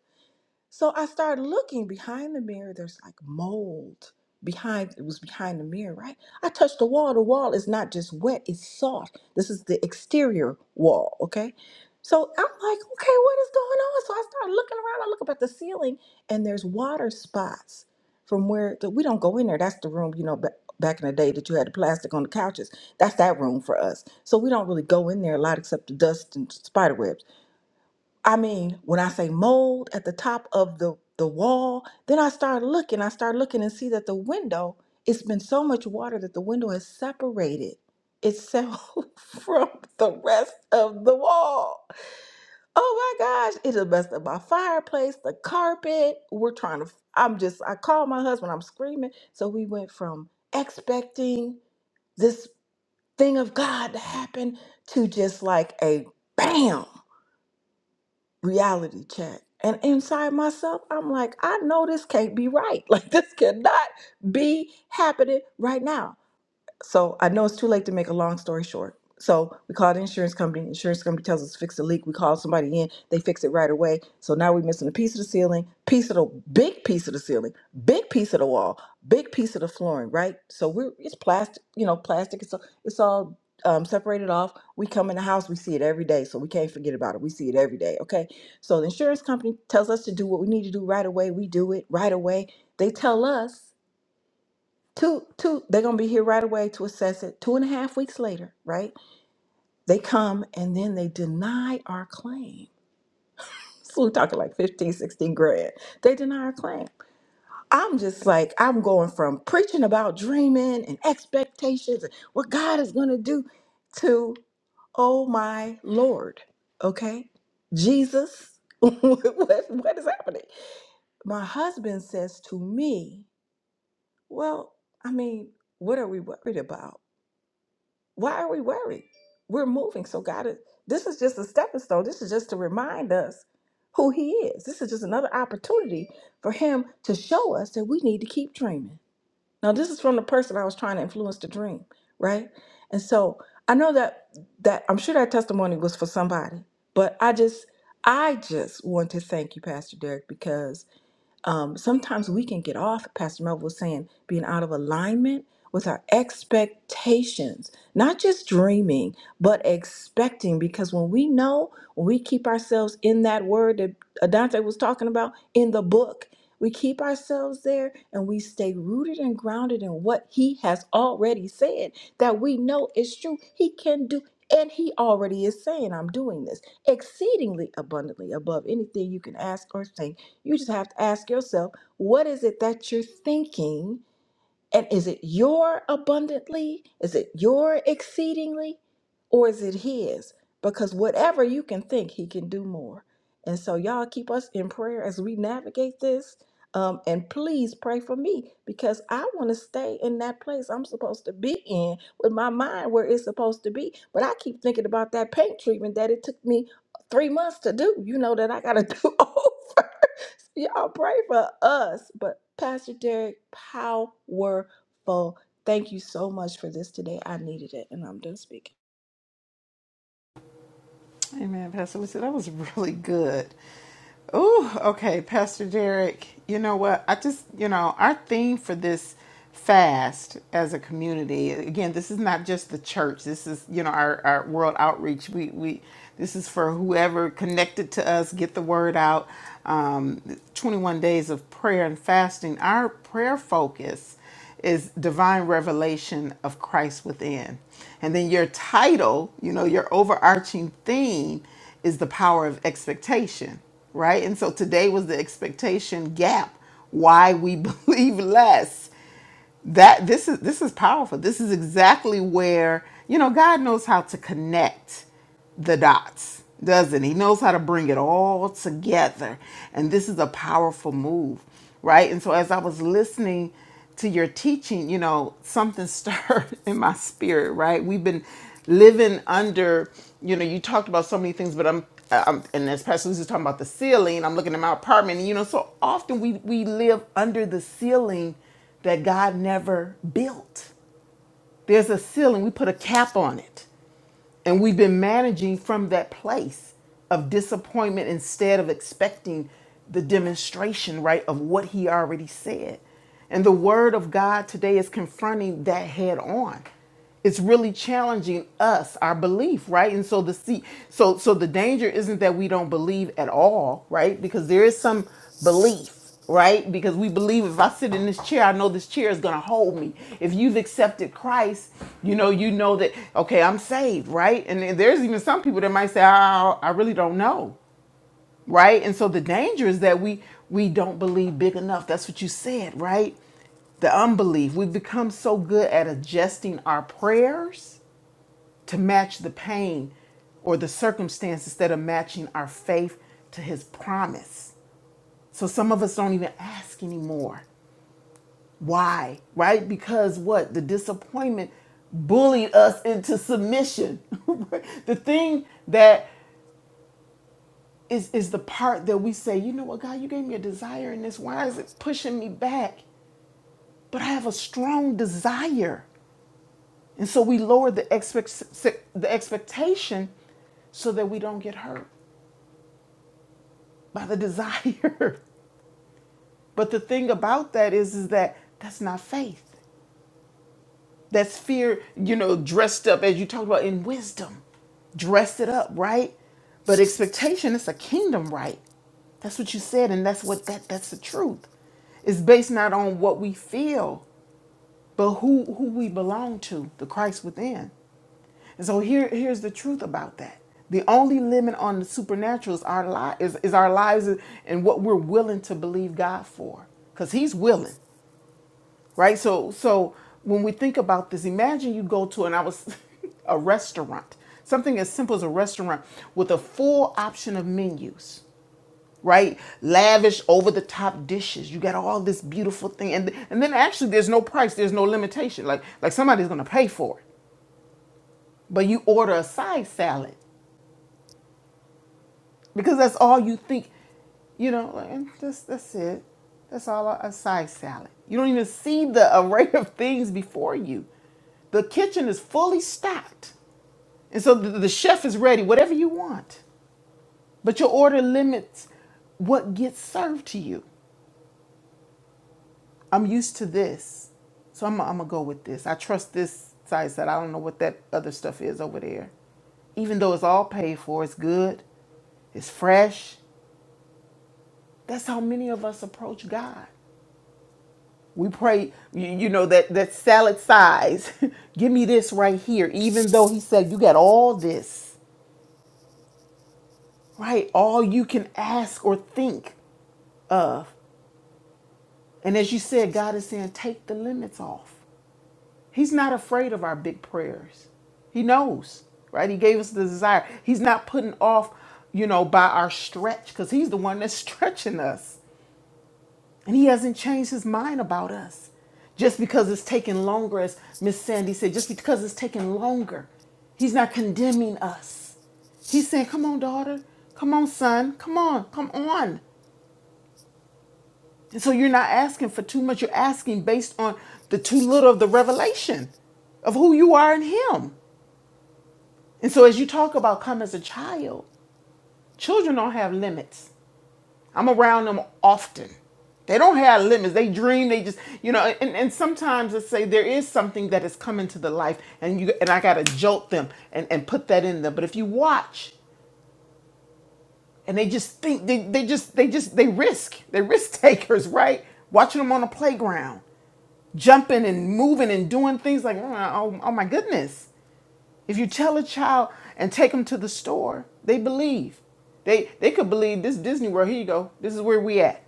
S11: so I started looking behind the mirror. There's like mold behind it was behind the mirror, right? I touched the wall. The wall is not just wet, it's soft. This is the exterior wall, okay? So I'm like, okay, what is going on? So I started looking around. I look up at the ceiling and there's water spots from where the, we don't go in there. That's the room, you know, ba- back in the day that you had the plastic on the couches. That's that room for us. So we don't really go in there a lot except the dust and spider webs. I mean, when I say mold at the top of the, the wall, then I start looking. I start looking and see that the window, it's been so much water that the window has separated itself from the rest of the wall. Oh my gosh, It has messed up my fireplace, the carpet. We're trying to, I'm just, I called my husband, I'm screaming. So we went from expecting this thing of God to happen to just like a bam reality check. And inside myself, I'm like, I know this can't be right. Like, this cannot be happening right now. So I know it's too late to make a long story short. So we called the insurance company. Insurance company tells us to fix the leak. We call somebody in. They fix it right away. So now we're missing a piece of the ceiling, piece of the big piece of the ceiling, big piece of the wall, big piece of the flooring. Right. So we're it's plastic. You know, plastic. It's all, it's all um, separated off. We come in the house. We see it every day. So we can't forget about it. We see it every day. Okay. So the insurance company tells us to do what we need to do right away. We do it right away. They tell us Two, two, they're gonna be here right away to assess it. Two and a half weeks later, right? They come and then they deny our claim. So we're talking like 15, 16 grand. They deny our claim. I'm just like, I'm going from preaching about dreaming and expectations and what God is gonna do to, oh my Lord, okay? Jesus, what, what what is happening? My husband says to me, Well, I mean, what are we worried about? Why are we worried? We're moving. So God is this is just a stepping stone. This is just to remind us who he is. This is just another opportunity for him to show us that we need to keep dreaming. Now this is from the person I was trying to influence to dream, right? And so I know that that I'm sure that testimony was for somebody, but I just I just want to thank you, Pastor Derek, because um, sometimes we can get off, Pastor Melville was saying, being out of alignment with our expectations, not just dreaming, but expecting. Because when we know, when we keep ourselves in that word that Adante was talking about in the book, we keep ourselves there and we stay rooted and grounded in what he has already said that we know is true. He can do, and he already is saying, I'm doing this exceedingly abundantly above anything you can ask or think you just have to ask yourself, what is it that you're thinking? And is it your abundantly? Is it your exceedingly? Or is it his? Because whatever you can think, he can do more. And so, y'all keep us in prayer as we navigate this. Um, and please pray for me because I want to stay in that place I'm supposed to be in with my mind where it's supposed to be. But I keep thinking about that paint treatment that it took me three months to do, you know, that I got to do over. Y'all pray for us. But Pastor Derek, powerful. Thank you so much for this today. I needed it, and I'm done speaking.
S3: Amen, Pastor Lisa. That was really good. Ooh, okay, Pastor Derek. You know what? I just, you know, our theme for this fast as a community. Again, this is not just the church. This is, you know, our, our world outreach. We we this is for whoever connected to us. Get the word out. Um, 21 days of prayer and fasting. Our prayer focus is divine revelation of Christ within. And then your title, you know, your overarching theme is the power of expectation, right? And so today was the expectation gap, why we believe less. That this is this is powerful. This is exactly where, you know, God knows how to connect the dots, doesn't he? He knows how to bring it all together. And this is a powerful move, right? And so as I was listening to your teaching, you know, something stirred in my spirit, right? We've been living under, you know, you talked about so many things, but I'm I'm, and as Pastor Lucy's talking about the ceiling, I'm looking at my apartment. And, you know, so often we we live under the ceiling that God never built. There's a ceiling. We put a cap on it and we've been managing from that place of disappointment instead of expecting the demonstration, right, of what he already said. And the word of God today is confronting that head on it's really challenging us our belief right and so the see so so the danger isn't that we don't believe at all right because there is some belief right because we believe if i sit in this chair i know this chair is going to hold me if you've accepted christ you know you know that okay i'm saved right and then there's even some people that might say oh, i really don't know right and so the danger is that we we don't believe big enough that's what you said right the unbelief we've become so good at adjusting our prayers to match the pain or the circumstance instead of matching our faith to his promise so some of us don't even ask anymore why right because what the disappointment bullied us into submission the thing that is is the part that we say, you know what, God, you gave me a desire in this. Why is it pushing me back? But I have a strong desire, and so we lower the expect the expectation so that we don't get hurt by the desire. but the thing about that is, is that that's not faith. That's fear, you know, dressed up as you talked about in wisdom. Dress it up, right? But expectation is a kingdom right. That's what you said, and that's what that that's the truth. It's based not on what we feel, but who who we belong to, the Christ within. And so here, here's the truth about that. The only limit on the supernatural is our, li- is, is our lives and what we're willing to believe God for. Because He's willing right so so when we think about this imagine you go to and i was a restaurant something as simple as a restaurant with a full option of menus right lavish over the top dishes you got all this beautiful thing and and then actually there's no price there's no limitation like like somebody's gonna pay for it but you order a side salad because that's all you think. You know, like, "Mm, that's that's it. That's all a, a side salad. You don't even see the array of things before you. The kitchen is fully stocked, and so the, the chef is ready, whatever you want. But your order limits what gets served to you. I'm used to this, so I'm, I'm gonna go with this. I trust this side salad. I don't know what that other stuff is over there, even though it's all paid for. It's good. It's fresh. That's how many of us approach God. We pray, you, know, that, that salad size. Give me this right here, even though He said, You got all this, right? All you can ask or think of. And as you said, God is saying, Take the limits off. He's not afraid of our big prayers. He knows, right? He gave us the desire. He's not putting off, you know, by our stretch, because He's the one that's stretching us And he hasn't changed his mind about us. Just because it's taking longer, as Miss Sandy said, just because it's taking longer, he's not condemning us. He's saying, Come on, daughter. Come on, son. Come on. Come on. And so you're not asking for too much. You're asking based on the too little of the revelation of who you are in him. And so as you talk about come as a child, children don't have limits. I'm around them often. They don't have limits. They dream. They just, you know, and, and sometimes let's say there is something that has come into the life and you and I gotta jolt them and, and put that in them. But if you watch and they just think they, they just they just they risk. They're risk takers, right? Watching them on a playground, jumping and moving and doing things like, oh, oh oh, my goodness. If you tell a child and take them to the store, they believe. They they could believe this Disney World. Here you go. This is where we at.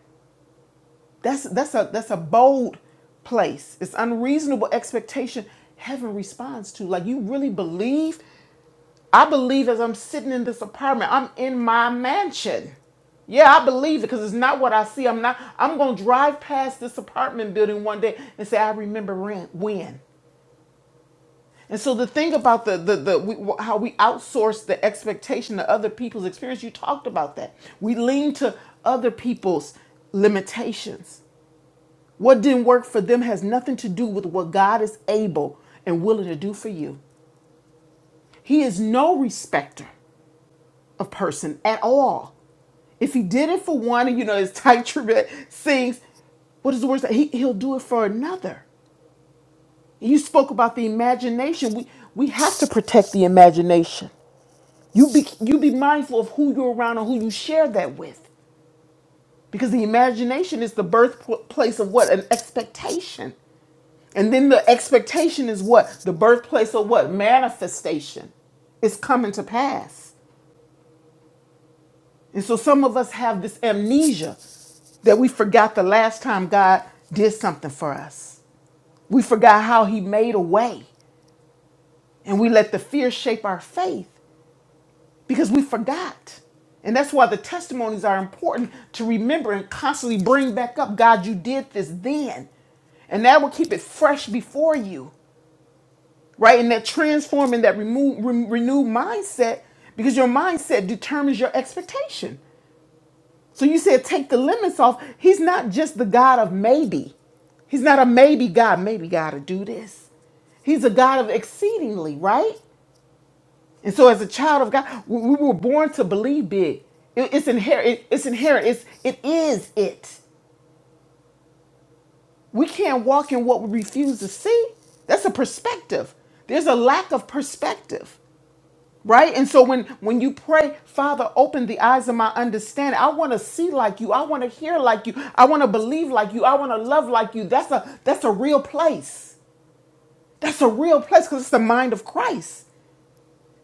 S3: That's that's a that's a bold place. It's unreasonable expectation heaven responds to. Like you really believe? I believe as I'm sitting in this apartment, I'm in my mansion. Yeah, I believe it because it's not what I see. I'm not I'm gonna drive past this apartment building one day and say, I remember when when. And so the thing about the the, the we, how we outsource the expectation of other people's experience, you talked about that. We lean to other people's limitations what didn't work for them has nothing to do with what God is able and willing to do for you. He is no respecter of person at all. If he did it for one, and you know, his tight tribute sings, what is the word? that- He, he'll do it for another. You spoke about the imagination. We, we have to protect the imagination. You be, you be mindful of who you're around and who you share that with. Because the imagination is the birthplace of what? An expectation. And then the expectation is what? The birthplace of what? Manifestation. It's coming to pass. And so some of us have this amnesia that we forgot the last time God did something for us. We forgot how he made a way. And we let the fear shape our faith. because we forgot. And that's why the testimonies are important to remember and constantly bring back up God, you did this then. And that will keep it fresh before you, right? And that transform and that remove, re- renewed mindset, because your mindset determines your expectation. So you said, take the limits off. He's not just the God of maybe. He's not a maybe God, maybe God to do this. He's a God of exceedingly, right? And so, as a child of God, we we were born to believe big. It- It's inherent. it- It's inherent. It's it is it. We can't walk in what we refuse to see. That's a perspective. There's a lack of perspective, right? And so when when you pray, Father, open the eyes of my understanding. I want to see like you. I want to hear like you. I want to believe like you. I want to love like you. That's a that's a real place. That's a real place because it's the mind of Christ.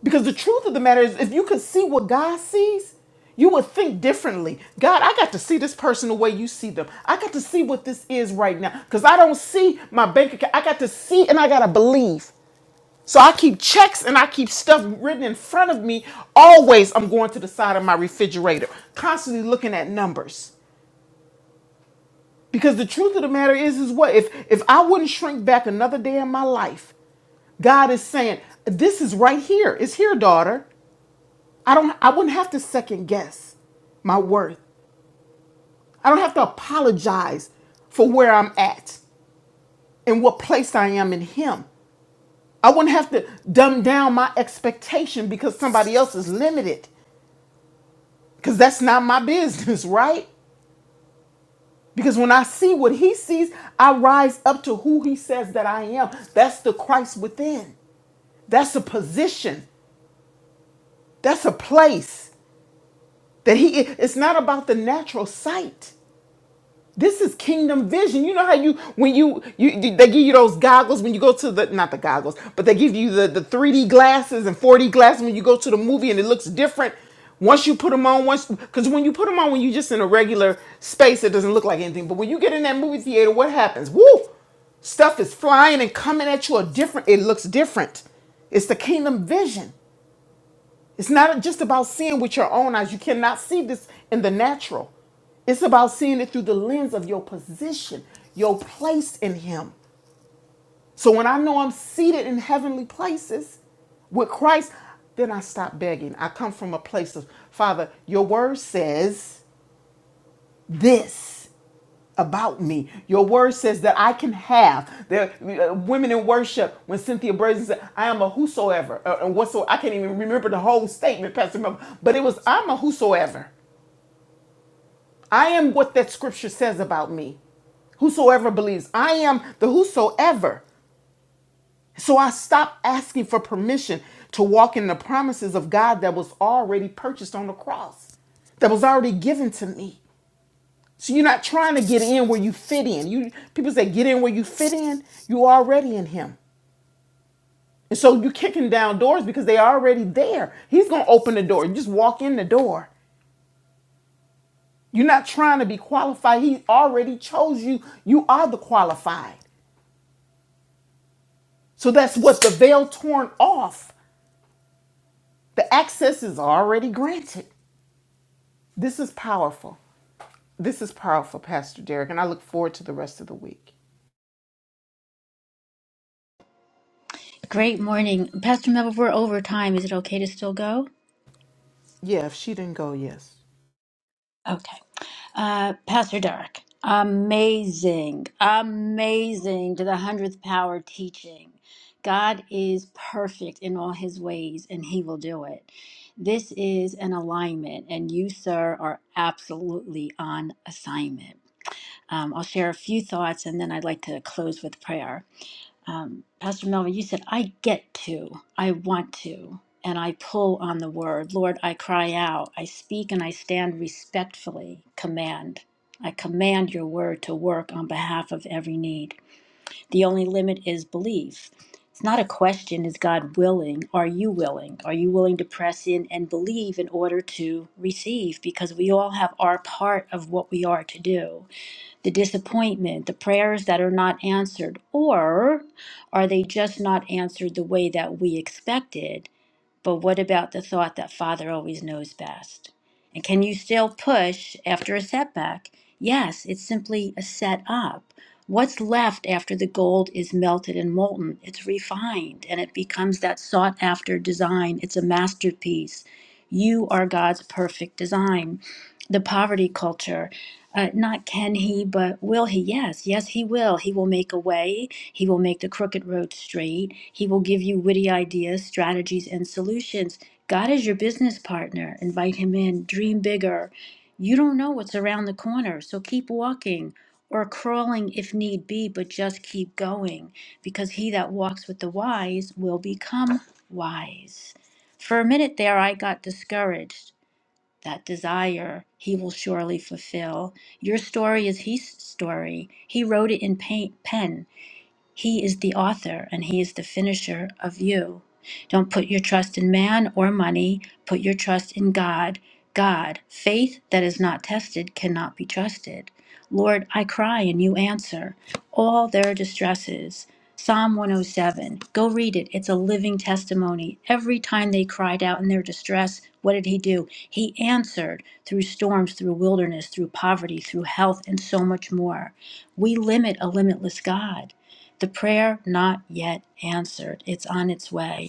S3: Because the truth of the matter is, if you could see what God sees, you would think differently. God, I got to see this person the way you see them. I got to see what this is right now. Because I don't see my bank account. I got to see and I got to believe. So I keep checks and I keep stuff written in front of me. Always, I'm going to the side of my refrigerator, constantly looking at numbers. Because the truth of the matter is, is what? If, if I wouldn't shrink back another day in my life, God is saying, This is right here. It's here, daughter. I don't I wouldn't have to second guess my worth. I don't have to apologize for where I'm at and what place I am in him. I wouldn't have to dumb down my expectation because somebody else is limited cuz that's not my business, right? Because when I see what he sees, I rise up to who he says that I am. That's the Christ within. That's a position. That's a place that he it's not about the natural sight. This is kingdom vision. You know how you when you, you you- they give you those goggles when you go to the not the goggles, but they give you the the 3D glasses and 4D glasses when you go to the movie and it looks different. Once you put them on, once because when you put them on, when you just in a regular space, it doesn't look like anything. But when you get in that movie theater, what happens? Woo! Stuff is flying and coming at you a different. It looks different. It's the kingdom vision. It's not just about seeing with your own eyes. You cannot see this in the natural. It's about seeing it through the lens of your position, your place in Him. So when I know I'm seated in heavenly places with Christ, then I stop begging. I come from a place of, Father, your word says this about me. Your word says that I can have. There, uh, women in worship, when Cynthia Brazen said, I am a whosoever, uh, and whatsoever, I can't even remember the whole statement, Pastor Mel, but it was, I'm a whosoever. I am what that scripture says about me. Whosoever believes. I am the whosoever. So I stopped asking for permission to walk in the promises of God that was already purchased on the cross, that was already given to me. So you're not trying to get in where you fit in. You people say get in where you fit in. You already in him. And so you're kicking down doors because they are already there. He's gonna open the door. You just walk in the door. You're not trying to be qualified. He already chose you. You are the qualified. So that's what the veil torn off. The access is already granted. This is powerful. This is powerful, Pastor Derek, and I look forward to the rest of the week.
S2: Great morning. Pastor Mel, we're over time. Is it okay to still go?
S3: Yeah, if she didn't go, yes.
S2: Okay. Uh, Pastor Derek, amazing, amazing to the hundredth power teaching. God is perfect in all his ways and he will do it. This is an alignment, and you, sir, are absolutely on assignment. Um, I'll share a few thoughts and then I'd like to close with prayer. um, Pastor Melvin, you said, I get to, I want to, and I pull on the word. Lord, I cry out, I speak and I stand respectfully, command. I command your word to work on behalf of every need. The only limit is belief. It's not a question, is God willing? Are you willing? Are you willing to press in and believe in order to receive? Because we all have our part of what we are to do the disappointment, the prayers that are not answered, or are they just not answered the way that we expected? But what about the thought that Father always knows best? And can you still push after a setback? Yes, it's simply a setup. What's left after the gold is melted and molten? It's refined and it becomes that sought after design. It's a masterpiece. You are God's perfect design. The poverty culture uh, not can he, but will he? Yes, yes, he will. He will make a way. He will make the crooked road straight. He will give you witty ideas, strategies, and solutions. God is your business partner. Invite him in. Dream bigger. You don't know what's around the corner, so keep walking or crawling if need be, but just keep going because he that walks with the wise will become wise. For a minute there, I got discouraged that desire he will surely fulfill. Your story is his story. He wrote it in paint, pen. He is the author and He is the finisher of you. Don't put your trust in man or money, put your trust in God. God, faith that is not tested cannot be trusted. Lord, I cry and you answer all their distresses. Psalm 107. Go read it. It's a living testimony. Every time they cried out in their distress, what did he do? He answered through storms, through wilderness, through poverty, through health, and so much more. We limit a limitless God. The prayer not yet answered, it's on its way.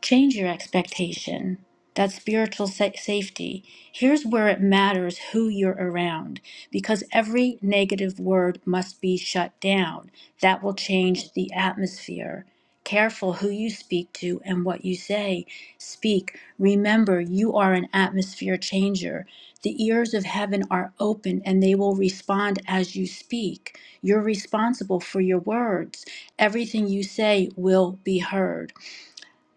S2: Change your expectation. That spiritual sa- safety. Here's where it matters who you're around because every negative word must be shut down. That will change the atmosphere. Careful who you speak to and what you say. Speak. Remember, you are an atmosphere changer. The ears of heaven are open and they will respond as you speak. You're responsible for your words. Everything you say will be heard.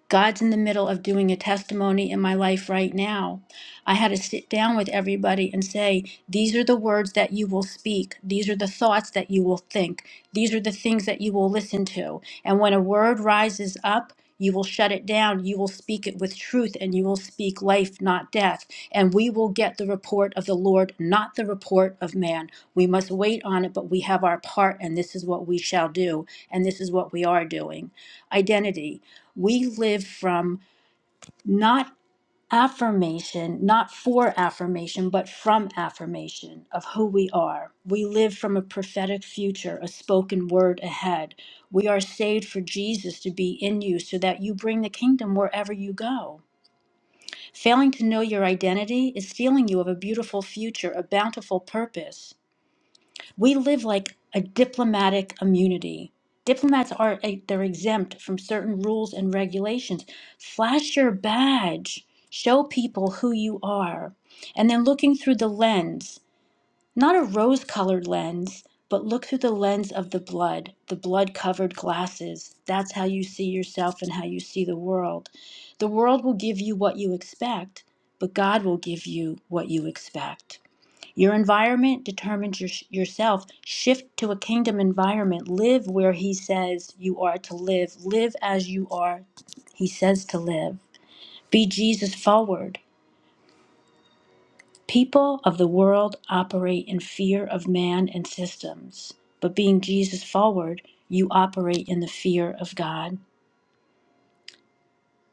S2: God's in the middle of doing a testimony in my life right now. I had to sit down with everybody and say, These are the words that you will speak. These are the thoughts that you will think. These are the things that you will listen to. And when a word rises up, you will shut it down. You will speak it with truth and you will speak life, not death. And we will get the report of the Lord, not the report of man. We must wait on it, but we have our part, and this is what we shall do. And this is what we are doing. Identity we live from not affirmation, not for affirmation, but from affirmation of who we are. We live from a prophetic future, a spoken word ahead. We are saved for Jesus to be in you so that you bring the kingdom wherever you go. Failing to know your identity is stealing you of a beautiful future, a bountiful purpose we live like a diplomatic immunity. Diplomats are eh, they're exempt from certain rules and regulations. Flash your badge, show people who you are. And then looking through the lens, not a rose-colored lens, but look through the lens of the blood, the blood-covered glasses. That's how you see yourself and how you see the world. The world will give you what you expect, but God will give you what you expect. Your environment determines your, yourself. Shift to a kingdom environment. Live where He says you are to live. Live as you are, He says to live. Be Jesus forward. People of the world operate in fear of man and systems, but being Jesus forward, you operate in the fear of God.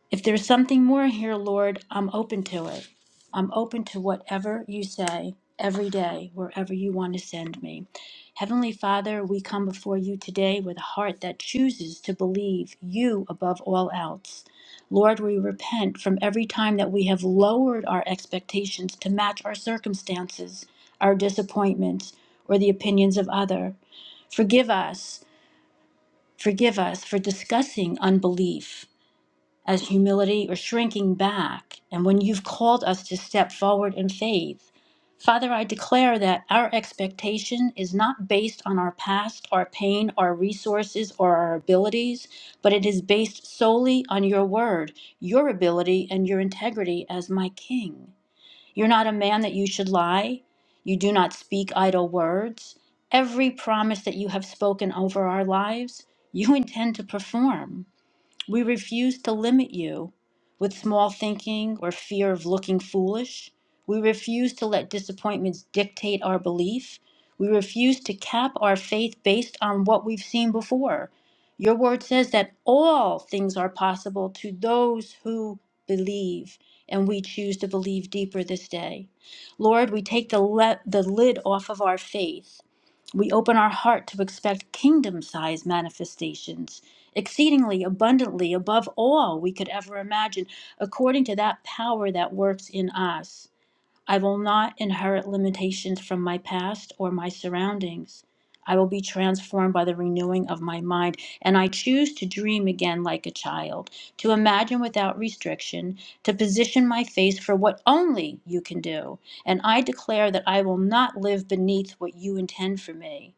S2: If there's something more here, Lord, I'm open to it. I'm open to whatever you say every day, wherever you want to send me. Heavenly Father, we come before you today with a heart that chooses to believe you above all else. Lord, we repent from every time that we have lowered our expectations to match our circumstances, our disappointments, or the opinions of other. Forgive us, forgive us for discussing unbelief as humility or shrinking back, and when you've called us to step forward in faith. Father, I declare that our expectation is not based on our past, our pain, our resources, or our abilities, but it is based solely on your word, your ability, and your integrity as my king. You're not a man that you should lie. You do not speak idle words. Every promise that you have spoken over our lives, you intend to perform. We refuse to limit you with small thinking or fear of looking foolish. We refuse to let disappointments dictate our belief. We refuse to cap our faith based on what we've seen before. Your word says that all things are possible to those who believe, and we choose to believe deeper this day. Lord, we take the, le- the lid off of our faith we open our heart to expect kingdom sized manifestations, exceedingly abundantly above all we could ever imagine, according to that power that works in us. I will not inherit limitations from my past or my surroundings. I will be transformed by the renewing of my mind, and I choose to dream again like a child, to imagine without restriction, to position my face for what only you can do. And I declare that I will not live beneath what you intend for me.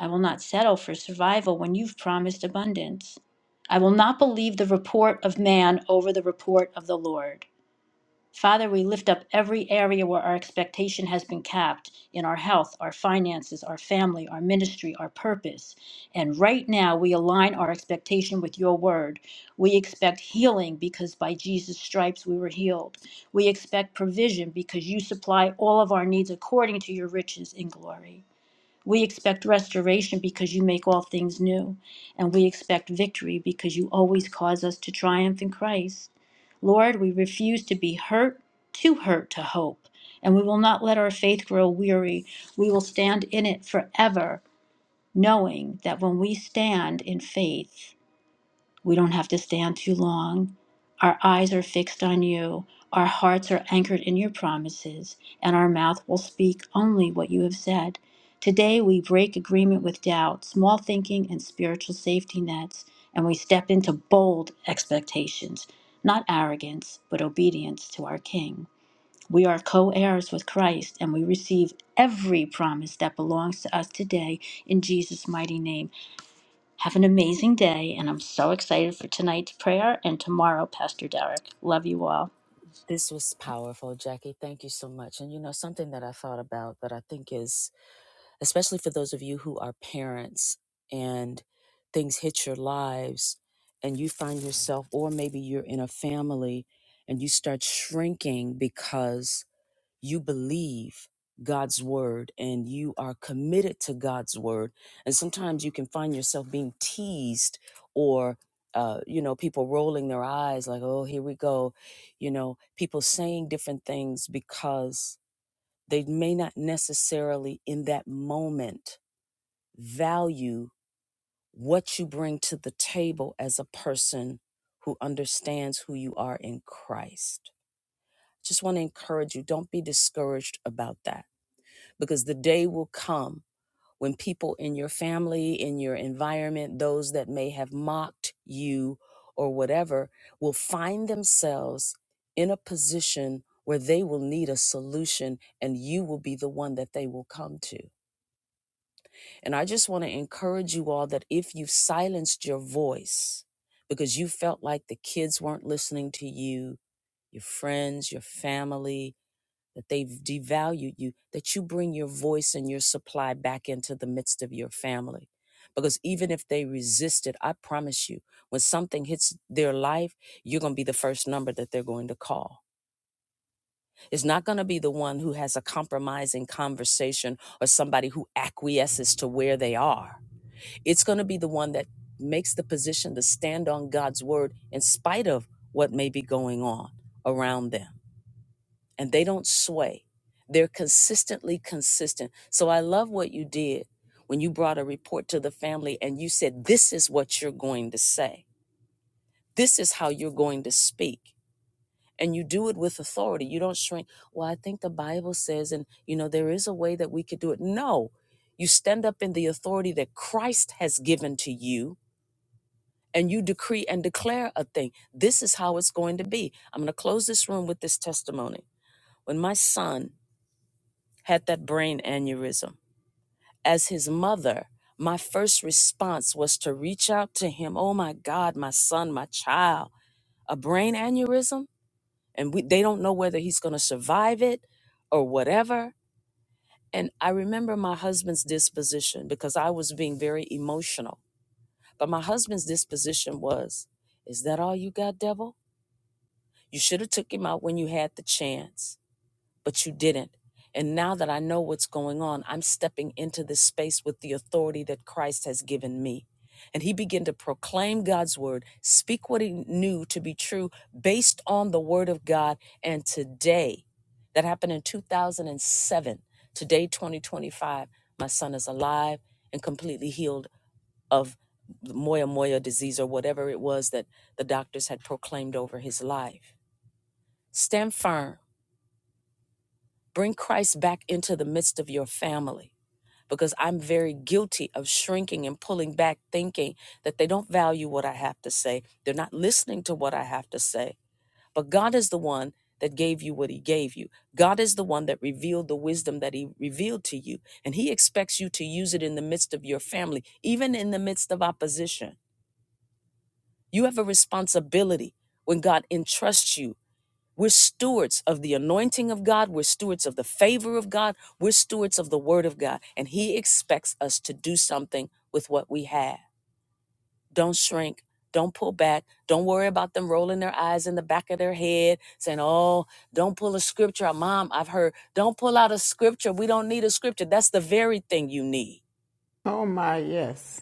S2: I will not settle for survival when you've promised abundance. I will not believe the report of man over the report of the Lord. Father, we lift up every area where our expectation has been capped in our health, our finances, our family, our ministry, our purpose. And right now, we align our expectation with your word. We expect healing because by Jesus' stripes we were healed. We expect provision because you supply all of our needs according to your riches in glory. We expect restoration because you make all things new, and we expect victory because you always cause us to triumph in Christ. Lord, we refuse to be hurt, too hurt to hope, and we will not let our faith grow weary. We will stand in it forever, knowing that when we stand in faith, we don't have to stand too long. Our eyes are fixed on you. Our hearts are anchored in your promises, and our mouth will speak only what you have said. Today, we break agreement with doubt, small thinking, and spiritual safety nets, and we step into bold expectations, not arrogance, but obedience to our King. We are co heirs with Christ, and we receive every promise that belongs to us today in Jesus' mighty name. Have an amazing day, and I'm so excited for tonight's prayer and tomorrow, Pastor Derek. Love you all.
S3: Oh my, yes.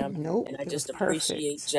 S3: Nope, it was perfect.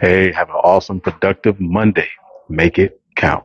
S10: Hey, have an awesome, productive Monday. Make it count.